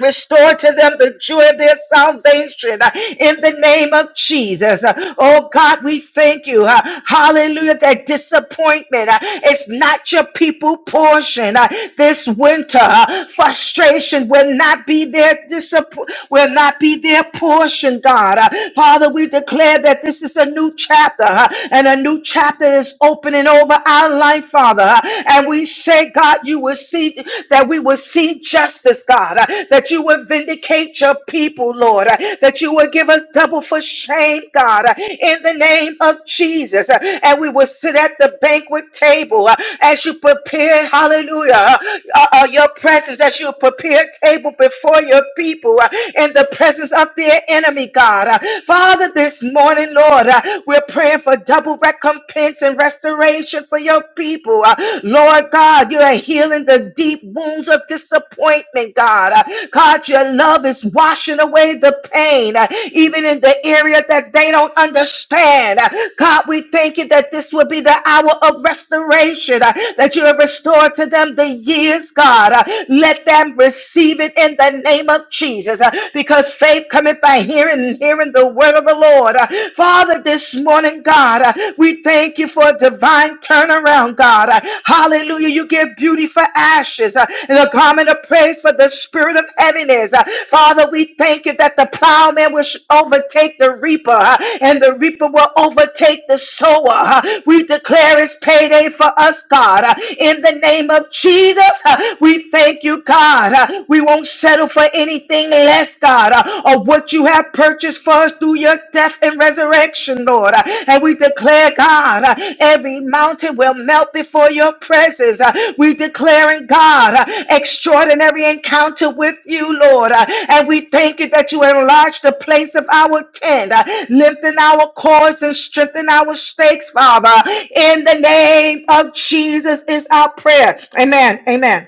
[SPEAKER 3] Restore to them the joy of their salvation uh, in the name of Jesus. Uh, Oh God, we thank you. uh, Hallelujah. That disappointment uh, is not your people portion uh, this winter. uh, Frustration will not be their disapp- will not be their portion, God. Uh, Father, we declare that this is a new chapter uh, and a new chapter is opening over our life, Father. Uh, And we say, God, God, you will see that we will see justice, God, uh, that you will vindicate your people, Lord, uh, that you will give us double for shame, God, uh, in the name of Jesus. uh, And we will sit at the banquet table uh, as you prepare, hallelujah, uh, uh, uh, your presence, as you prepare table before your people uh, in the presence of their enemy, God. Uh, Father, this morning, Lord, uh, we're praying for double recompense and and restoration for your people. Uh, Lord God, you are healing the deep wounds of disappointment, God. Uh, God, your love is washing away the pain, uh, even in the area that they don't understand. Uh, God, we thank you that this will be the hour of restoration, uh, that you have restored to them the years, God. Uh, Let them receive it in the name of Jesus, uh, because faith cometh by hearing and hearing the word of the Lord. Lord. Uh, Father, this morning, God, uh, we thank you for a divine turnaround, God. Uh, Hallelujah. You give beauty for ashes uh, and a garment of praise for the spirit of heaviness. Uh, Father, we thank you that the plowman will sh- overtake the reaper uh, and the reaper will overtake the sower. uh. We declare it's payday for us, God. Uh, In the name of Jesus, uh, we thank you, God. Uh, We won't settle for anything anything less, God, uh, of what you have purchased for us through your death and resurrection, Lord. Uh, and we declare, God, uh, every mountain will melt before your presence. Uh, we declare in God, uh, extraordinary encounter with you, Lord. Uh, and we thank you that you enlarge the place of our tent, uh, lengthen our cords and strengthen our stakes, Father. In the name of Jesus is our prayer. Amen. Amen.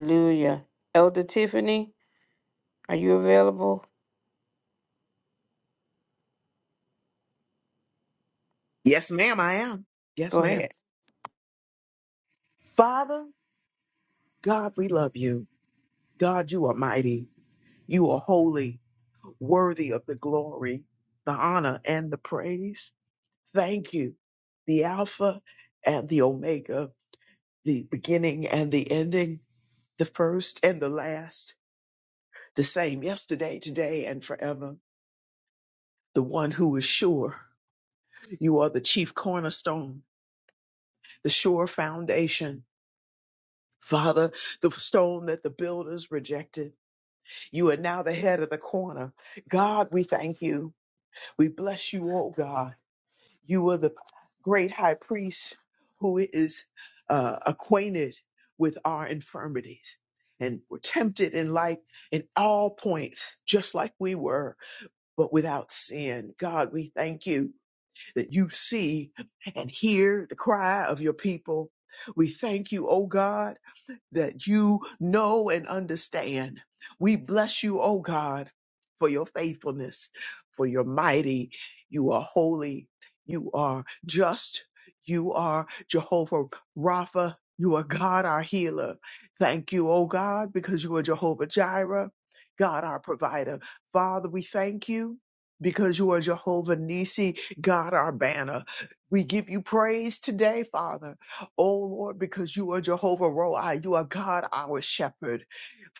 [SPEAKER 2] Hallelujah. Elder Tiffany, are you available?
[SPEAKER 6] Yes, ma'am, I am. Yes,
[SPEAKER 2] Go
[SPEAKER 6] ma'am.
[SPEAKER 2] ahead.
[SPEAKER 6] Father, God, we love you. God, you are mighty. You are holy, worthy of the glory, the honor, and the praise. Thank you, the Alpha and the Omega, the beginning and the ending, the first and the last, the same yesterday, today, and forever, the one who is sure. You are the chief cornerstone, the sure foundation. Father, the stone that the builders rejected You are now the head of the corner. God, we thank you. We bless you, oh God. You are the great high priest who is uh, acquainted with our infirmities and were tempted in like in all points, just like we were, but without sin. God, we thank you that you see and hear the cry of your people. We thank you, oh God that you know and understand. We bless you, oh God, for your faithfulness, for your mighty. You are holy. You are just. You are Jehovah Rapha. You are God, our healer. Thank you, oh God, because you are Jehovah Jireh, God, our provider. Father, we thank you because you are Jehovah Nisi, God, our banner. We give you praise today, Father Oh Lord, because you are Jehovah Rohi, you are God our shepherd.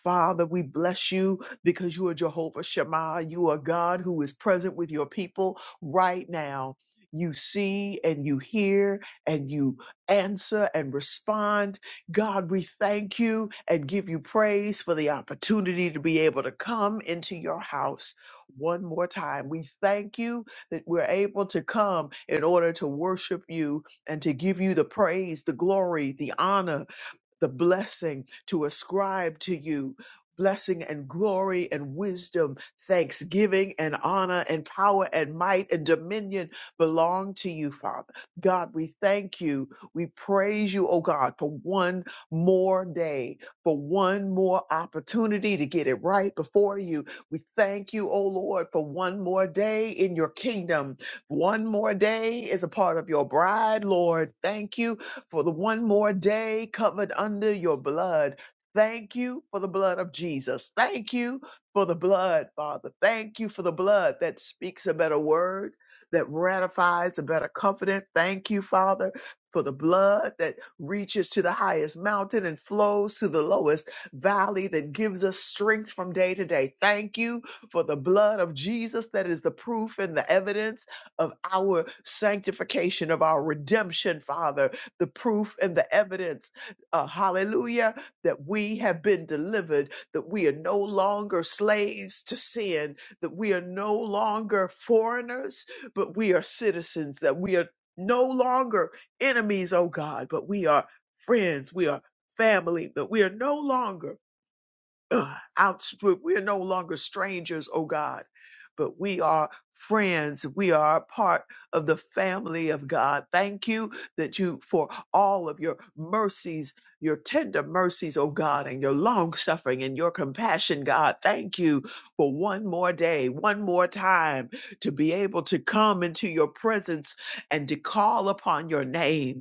[SPEAKER 6] Father, we bless you because you are Jehovah Shammah. You are God who is present with your people right now. You see and you hear and you answer and respond. God, we thank you and give you praise for the opportunity to be able to come into your house one more time. We thank you that we're able to come in order to worship you and to give you the praise, the glory, the honor, the blessing to ascribe to you blessing and glory and wisdom, thanksgiving and honor and power and might and dominion belong to you, Father. God, we thank you. We praise you, oh God, for one more day, for one more opportunity to get it right before you. We thank you, oh Lord, for one more day in your kingdom. One more day is a part of your bride, Lord. Thank you for the one more day covered under your blood. Thank you for the blood of Jesus. Thank you for the blood, Father. Thank you for the blood that speaks a better word, that ratifies a better covenant. Thank you, Father, for the blood that reaches to the highest mountain and flows to the lowest valley, that gives us strength from day to day. Thank you for the blood of Jesus that is the proof and the evidence of our sanctification, of our redemption, Father the proof and the evidence, uh, hallelujah, that we have been delivered, that we are no longer slaves to sin, that we are no longer foreigners, but we are citizens, that we are no longer enemies, oh God, but we are friends, we are family, that we are no longer uh, outstripped. We are no longer strangers, oh God, but we are friends. We are a part of the family of God. Thank you that you, for all of your mercies, your tender mercies, oh God, and your long suffering and your compassion, God. Thank you for one more day, one more time to be able to come into your presence and to call upon your name.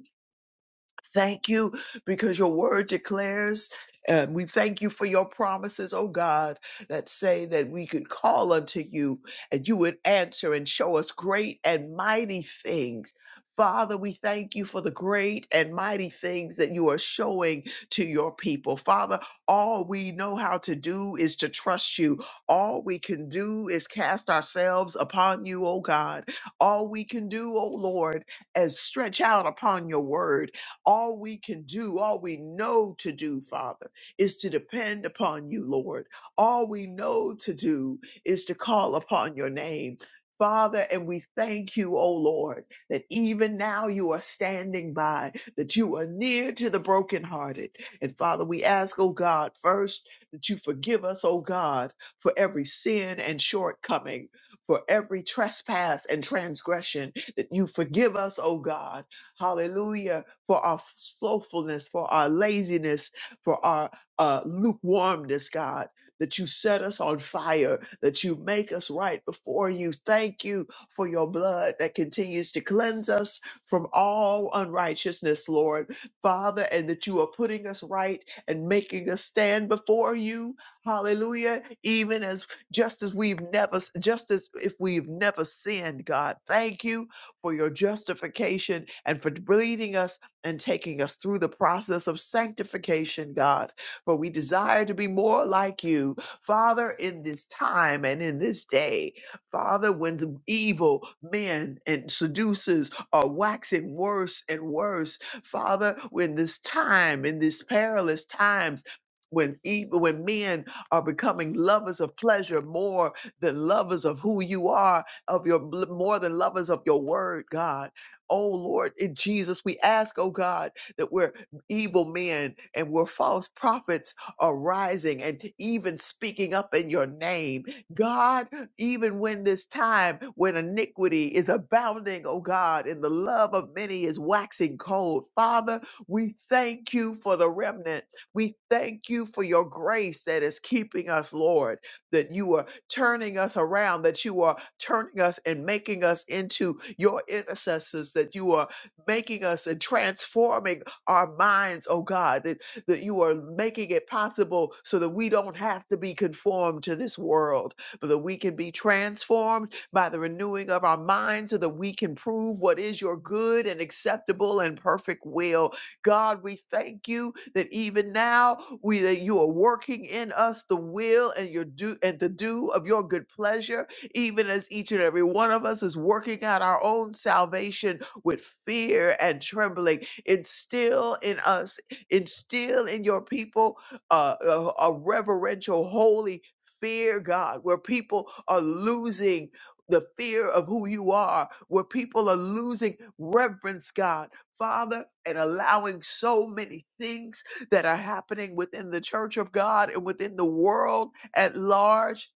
[SPEAKER 6] Thank you because your word declares, and we thank you for your promises, oh God, that say that we could call unto you and you would answer and show us great and mighty things. Father, we thank you for the great and mighty things that you are showing to your people. Father, all we know how to do is to trust you. All we can do is cast ourselves upon you, oh God. All we can do, oh Lord, is stretch out upon your word all we can do, all we know to do, Father, is to depend upon you, Lord. All we know to do is to call upon your name. Father, and we thank you, O Lord, that even now you are standing by, that you are near to the brokenhearted. And Father, we ask, O God, first that you forgive us, O God, for every sin and shortcoming, for every trespass and transgression, that you forgive us, O God. Hallelujah for our slothfulness, for our laziness, for our uh, lukewarmness, God, that you set us on fire, that you make us right before you. Thank you for your blood that continues to cleanse us from all unrighteousness, Lord, Father, and that you are putting us right and making us stand before you. Hallelujah. Even as just as we've never, just as if we've never sinned, God, thank you for your justification and for leading us and taking us through the process of sanctification, God. For we desire to be more like you, Father, in this time and in this day. Father, when the evil men and seducers are waxing worse and worse, Father, when this time, in these perilous times, when evil, when men are becoming lovers of pleasure more than lovers of who you are, of your bl- more than lovers of your word, God. Oh Lord, in Jesus, we ask, oh God, that where evil men and where false prophets are rising and even speaking up in your name, God, even when this time when iniquity is abounding, oh God, and the love of many is waxing cold, Father, we thank you for the remnant. We thank you for your grace that is keeping us, Lord, that you are turning us around, that you are turning us and making us into your intercessors, that you are making us and transforming our minds, oh God, that, that you are making it possible so that we don't have to be conformed to this world, but that we can be transformed by the renewing of our minds so that we can prove what is your good and acceptable and perfect will God, we thank you that even now we that you are working in us the will and your do and the do of your good pleasure, even as each and every one of us is working out our own salvation with fear and trembling. Instill in us, instill in your people uh, a, a reverential, holy fear, God, where people are losing the fear of who you are, where people are losing reverence, God Father, and allowing so many things that are happening within the church of God and within the world at large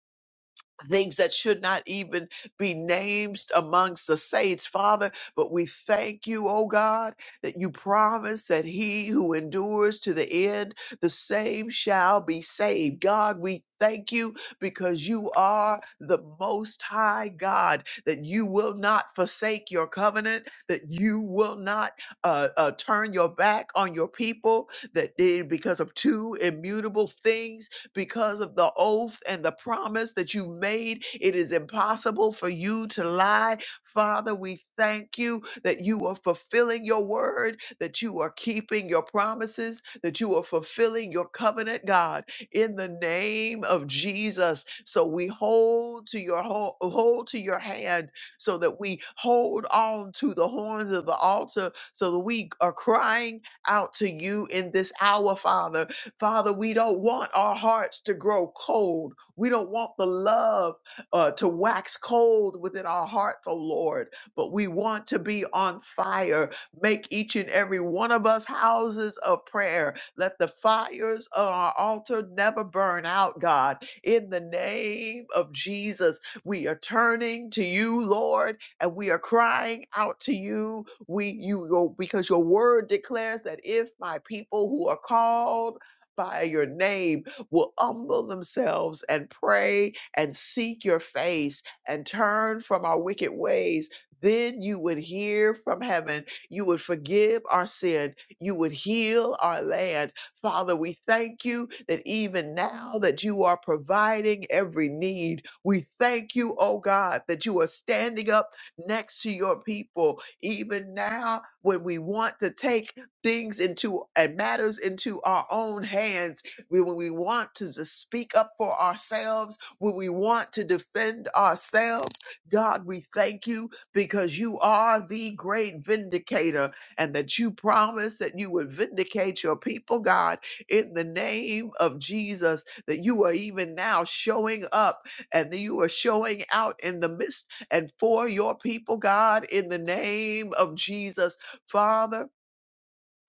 [SPEAKER 6] things that should not even be named amongst the saints, Father. But we thank you, O God, that you promise that he who endures to the end, the same shall be saved. God, we thank you because you are the most high God, that you will not forsake your covenant, that you will not uh, uh, turn your back on your people, that eh, because of two immutable things because of the oath and the promise that you made. It is impossible for you to lie. Father, we thank you that you are fulfilling your word, that you are keeping your promises, that you are fulfilling your covenant, God, in the name of Jesus. So we hold to your hold, hold to your hand so that we hold on to the horns of the altar so that we are crying out to you in this hour, Father, Father, we don't want our hearts to grow cold. We don't want the love uh, to wax cold within our hearts, oh Lord, but we want to be on fire. Make each and every one of us houses of prayer. Let the fires on our altar never burn out, God. In the name of Jesus, we are turning to you, Lord, and we are crying out to you. We you your- because your word declares that if my people who are called by your name will humble themselves and pray and seek your face and turn from our wicked ways, then you would hear from heaven. You would forgive our sin. You would heal our land. Father, we thank you that even now that you are providing every need. We thank you, oh God, that you are standing up next to your people. Even now, when we want to take things into and matters into our own hands We- when we want to just speak up for ourselves when we want to defend ourselves god we thank you because you are the great vindicator and that you promised that you would vindicate your people god in the name of jesus that you are even now showing up and that you are showing out in the midst and for your people god in the name of jesus father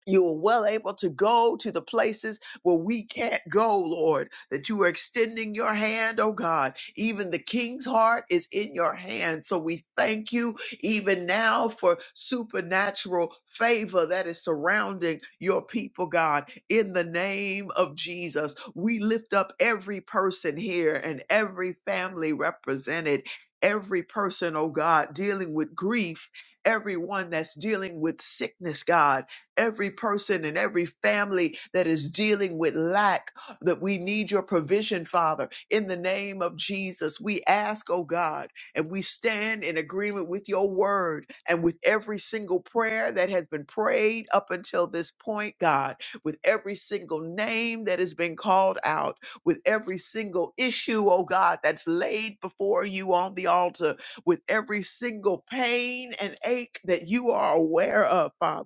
[SPEAKER 6] you are well able to go to the places where we can't go, Lord, that you are extending your hand, oh God. Even the king's heart is in your hand. So we thank you even now for supernatural favor that is surrounding your people, God. In the name of Jesus, we lift up every person here and every family represented. Every person, oh God, dealing with grief, everyone that's dealing with sickness, God every person and every family that is dealing with lack, that we need your provision, Father. In the name of Jesus, we ask, oh God, and we stand in agreement with your word and with every single prayer that has been prayed up until this point, God, with every single name that has been called out, with every single issue, oh God, that's laid before you on the altar, with every single pain and ache that you are aware of, Father.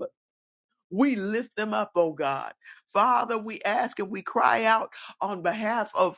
[SPEAKER 6] We lift them up, oh God. Father, we ask and we cry out on behalf of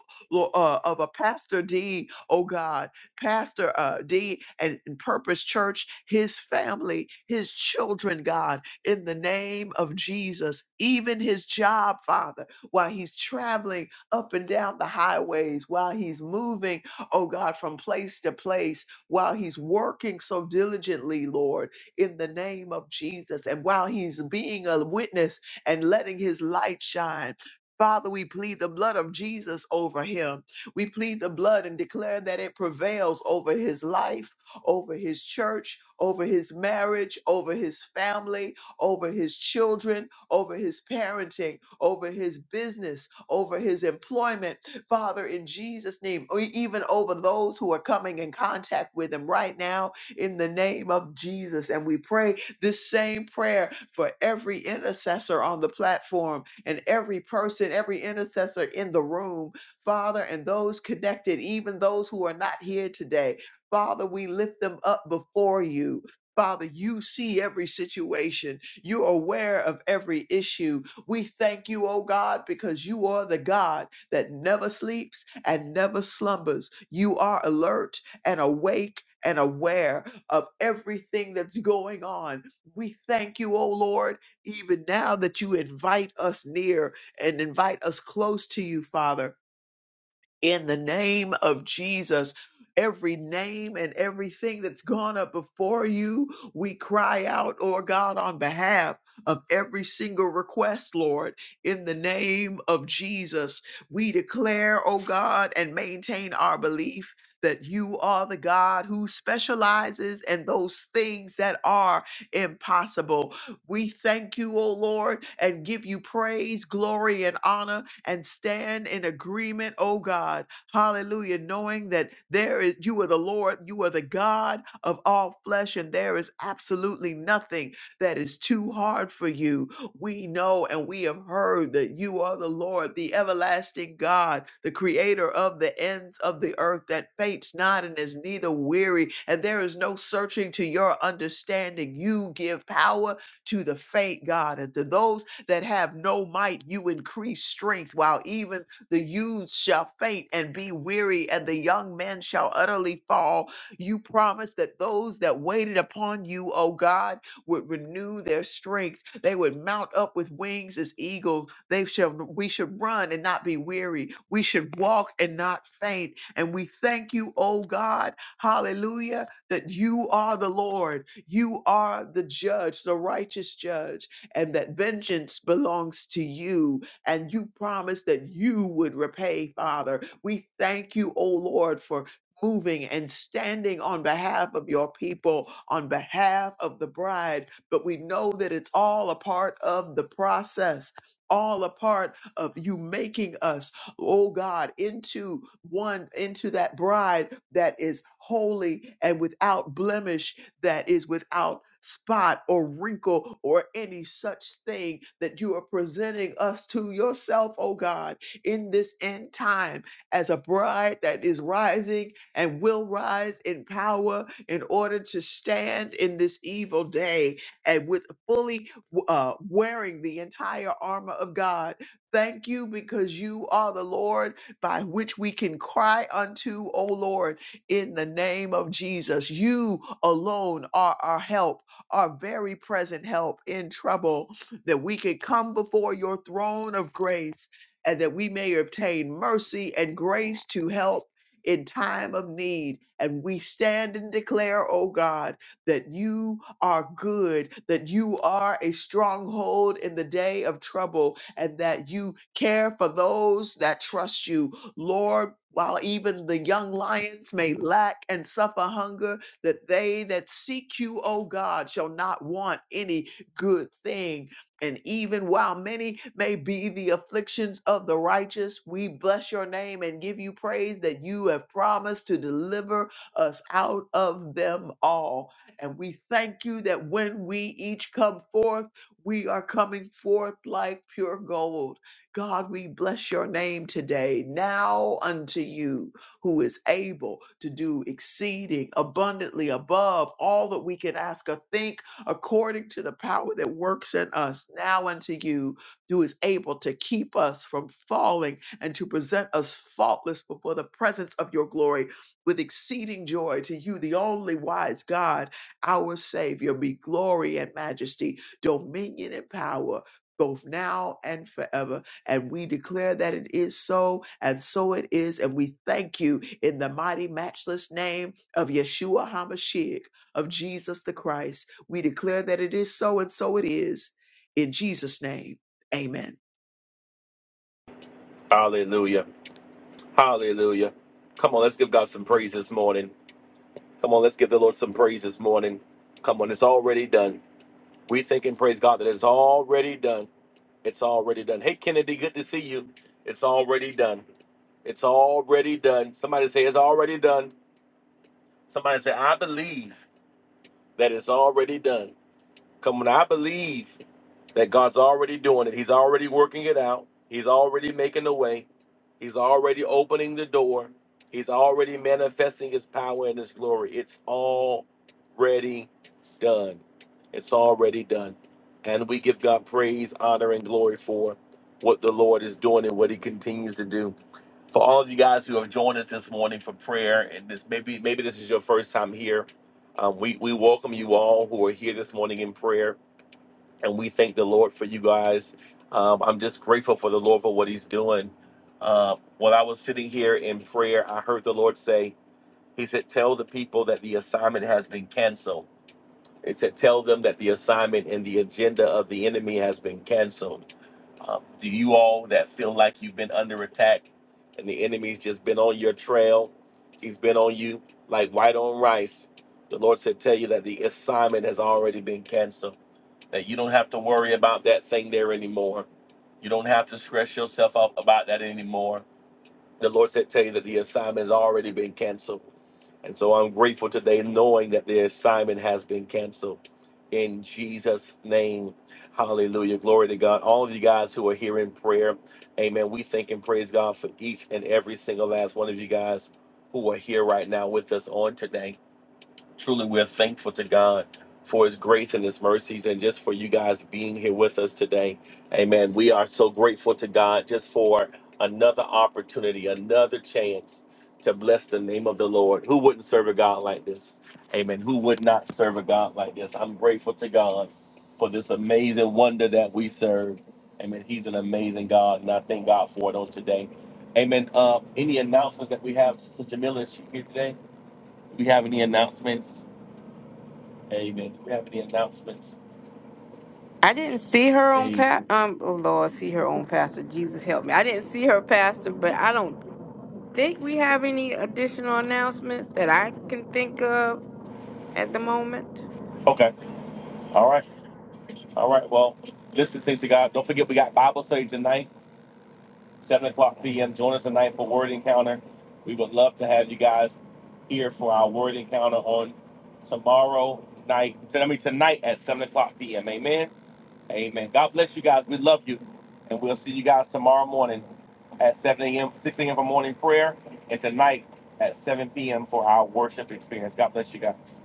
[SPEAKER 6] uh, of a Pastor D, oh God, Pastor uh, D and, and Purpose Church, his family, his children, God, in the name of Jesus, even his job, Father, while he's traveling up and down the highways, while he's moving, oh God, from place to place, while he's working so diligently, Lord in the name of Jesus. And while he's being a witness and letting his light shine, Father, we plead the blood of Jesus over him. We plead the blood and declare that it prevails over his life, over his church, over his marriage, over his family, over his children, over his parenting, over his business, over his employment. Father, in Jesus' name, or even over those who are coming in contact with him right now in the name of Jesus. And we pray this same prayer for every intercessor on the platform and every person, every intercessor in the room, Father, and those connected, even those who are not here today. Father, we lift them up before you. Father, you see every situation. You're aware of every issue. We thank you, oh God, because you are the God that never sleeps and never slumbers. You are alert and awake and aware of everything that's going on. We thank you, O Lord, even now that you invite us near and invite us close to you, Father in the name of Jesus. Every name and everything that's gone up before you, we cry out, or God, on behalf of every single request, Lord, in the name of Jesus. We declare, oh God, and maintain our belief that you are the God who specializes in those things that are impossible. We thank you, oh Lord, and give you praise, glory, and honor and stand in agreement, oh God. Hallelujah. Knowing that there is, you are the Lord, you are the God of all flesh, and there is absolutely nothing that is too hard for you. We know and we have heard that you are the Lord, the everlasting God, the creator of the ends of the earth that faints not and is neither weary, and there is no searching to your understanding. You give power to the faint God and to those that have no might, you increase strength, while even the youths shall faint and be weary, and the young men shall utterly fall. You promised that those that waited upon you, O God, would renew their strength. They would mount up with wings as eagles. They shall we should run and not be weary. We should walk and not faint. And we thank you, O God, hallelujah, that you are the Lord. You are the judge, the righteous judge and that vengeance belongs to you. And you promised that you would repay, Father. We thank you, O Lord, for moving and standing on behalf of your people, on behalf of the bride. But we know that it's all a part of the process. All a part of you making us, oh God, into one, into that bride that is holy and without blemish that is without spot or wrinkle or any such thing that you are presenting us to yourself, oh God, in this end time as a bride that is rising and will rise in power in order to stand in this evil day and with fully uh, wearing the entire armor of God. Thank you because you are the Lord by which we can cry unto, O Lord in the name of Jesus. You alone are our help, our very present help in trouble, that we can come before your throne of grace and that we may obtain mercy and grace to help in time of need. And we stand and declare, oh God, that you are good, that you are a stronghold in the day of trouble, and that you care for those that trust you Lord, while even the young lions may lack and suffer hunger, that they that seek you, O God, shall not want any good thing. And even while many may be the afflictions of the righteous, we bless your name and give you praise that you have promised to deliver us out of them all. And we thank you that when we each come forth, we are coming forth like pure gold God, we bless your name today. Now unto you who is able to do exceeding abundantly above all that we can ask or think according to the power that works in us. Now unto you who is able to keep us from falling and to present us faultless before the presence of your glory with exceeding joy to you, the only wise God, our Savior, be glory and majesty, dominion and power, both now and forever. And we declare that it is so, and so it is. And we thank you in the mighty, matchless name of Yeshua HaMashiach, of Jesus the Christ. We declare that it is so, and so it is. In Jesus' name, amen.
[SPEAKER 7] Hallelujah. Hallelujah. Come on, let's give God some praise this morning. Come on, let's give the Lord some praise this morning. Come on, it's already done. We think and praise God that it's already done. It's already done. Hey, Kennedy, good to see you. It's already done. It's already done. Somebody say it's already done. Somebody say, I believe that it's already done. Come on, I believe that God's already doing it. He's already working it out. He's already making the way. He's already opening the door. He's already manifesting his power and his glory. It's already done. It's already done. And we give God praise, honor, and glory for what the Lord is doing and what he continues to do for all of you guys who have joined us this morning for prayer and this maybe maybe this is your first time here um, we we welcome you all who are here this morning in prayer and we thank the lord for you guys um, i'm just grateful for the lord for what he's doing uh, while i was sitting here in prayer i heard the lord say he said tell the people that the assignment has been canceled it said tell them that the assignment and the agenda of the enemy has been canceled um, to you all that feel like you've been under attack and the enemy's just been on your trail, he's been on you like white on rice, the Lord said, Tell you that the assignment has already been canceled, that you don't have to worry about that thing there anymore. You don't have to stress yourself up about that anymore the Lord said, Tell you that the assignment has already been canceled. And so I'm grateful today knowing that the assignment has been canceled in Jesus' name. Hallelujah. Glory to God. All of you guys who are here in prayer, amen. We thank and praise God for each and every single last one of you guys who are here right now with us on today. Truly, we're thankful to God for his grace and his mercies and just for you guys being here with us today. Amen. We are so grateful to God just for another opportunity, another chance to bless the name of the Lord. Who wouldn't serve a God like this? Amen. Who would not serve a God like this? I'm grateful to God for this amazing wonder that we serve. Amen. He's an amazing God, and I thank God for it on today. Amen. Uh, any announcements that we have, Sister Miller, is she here today? Do we have any announcements? Amen. Do we have any announcements?
[SPEAKER 2] I didn't see her on
[SPEAKER 7] Amen.
[SPEAKER 2] pa- um oh Lord, see her on pastor. Jesus help me. I didn't see her pastor, but I don't Think we have any additional announcements that I can think of at the moment?
[SPEAKER 7] Okay. All right. All right. Well, listen, things to God. Don't forget, we got Bible study tonight, 7 o'clock p.m. Join us tonight for Word Encounter. We would love to have you guys here for our Word Encounter on tomorrow night. I mean, tonight at 7 o'clock p.m. Amen. Amen. God bless you guys. We love you. And we'll see you guys tomorrow morning at 7 a.m., 6 a.m. for morning prayer, and tonight at 7 p.m. for our worship experience. God bless you guys.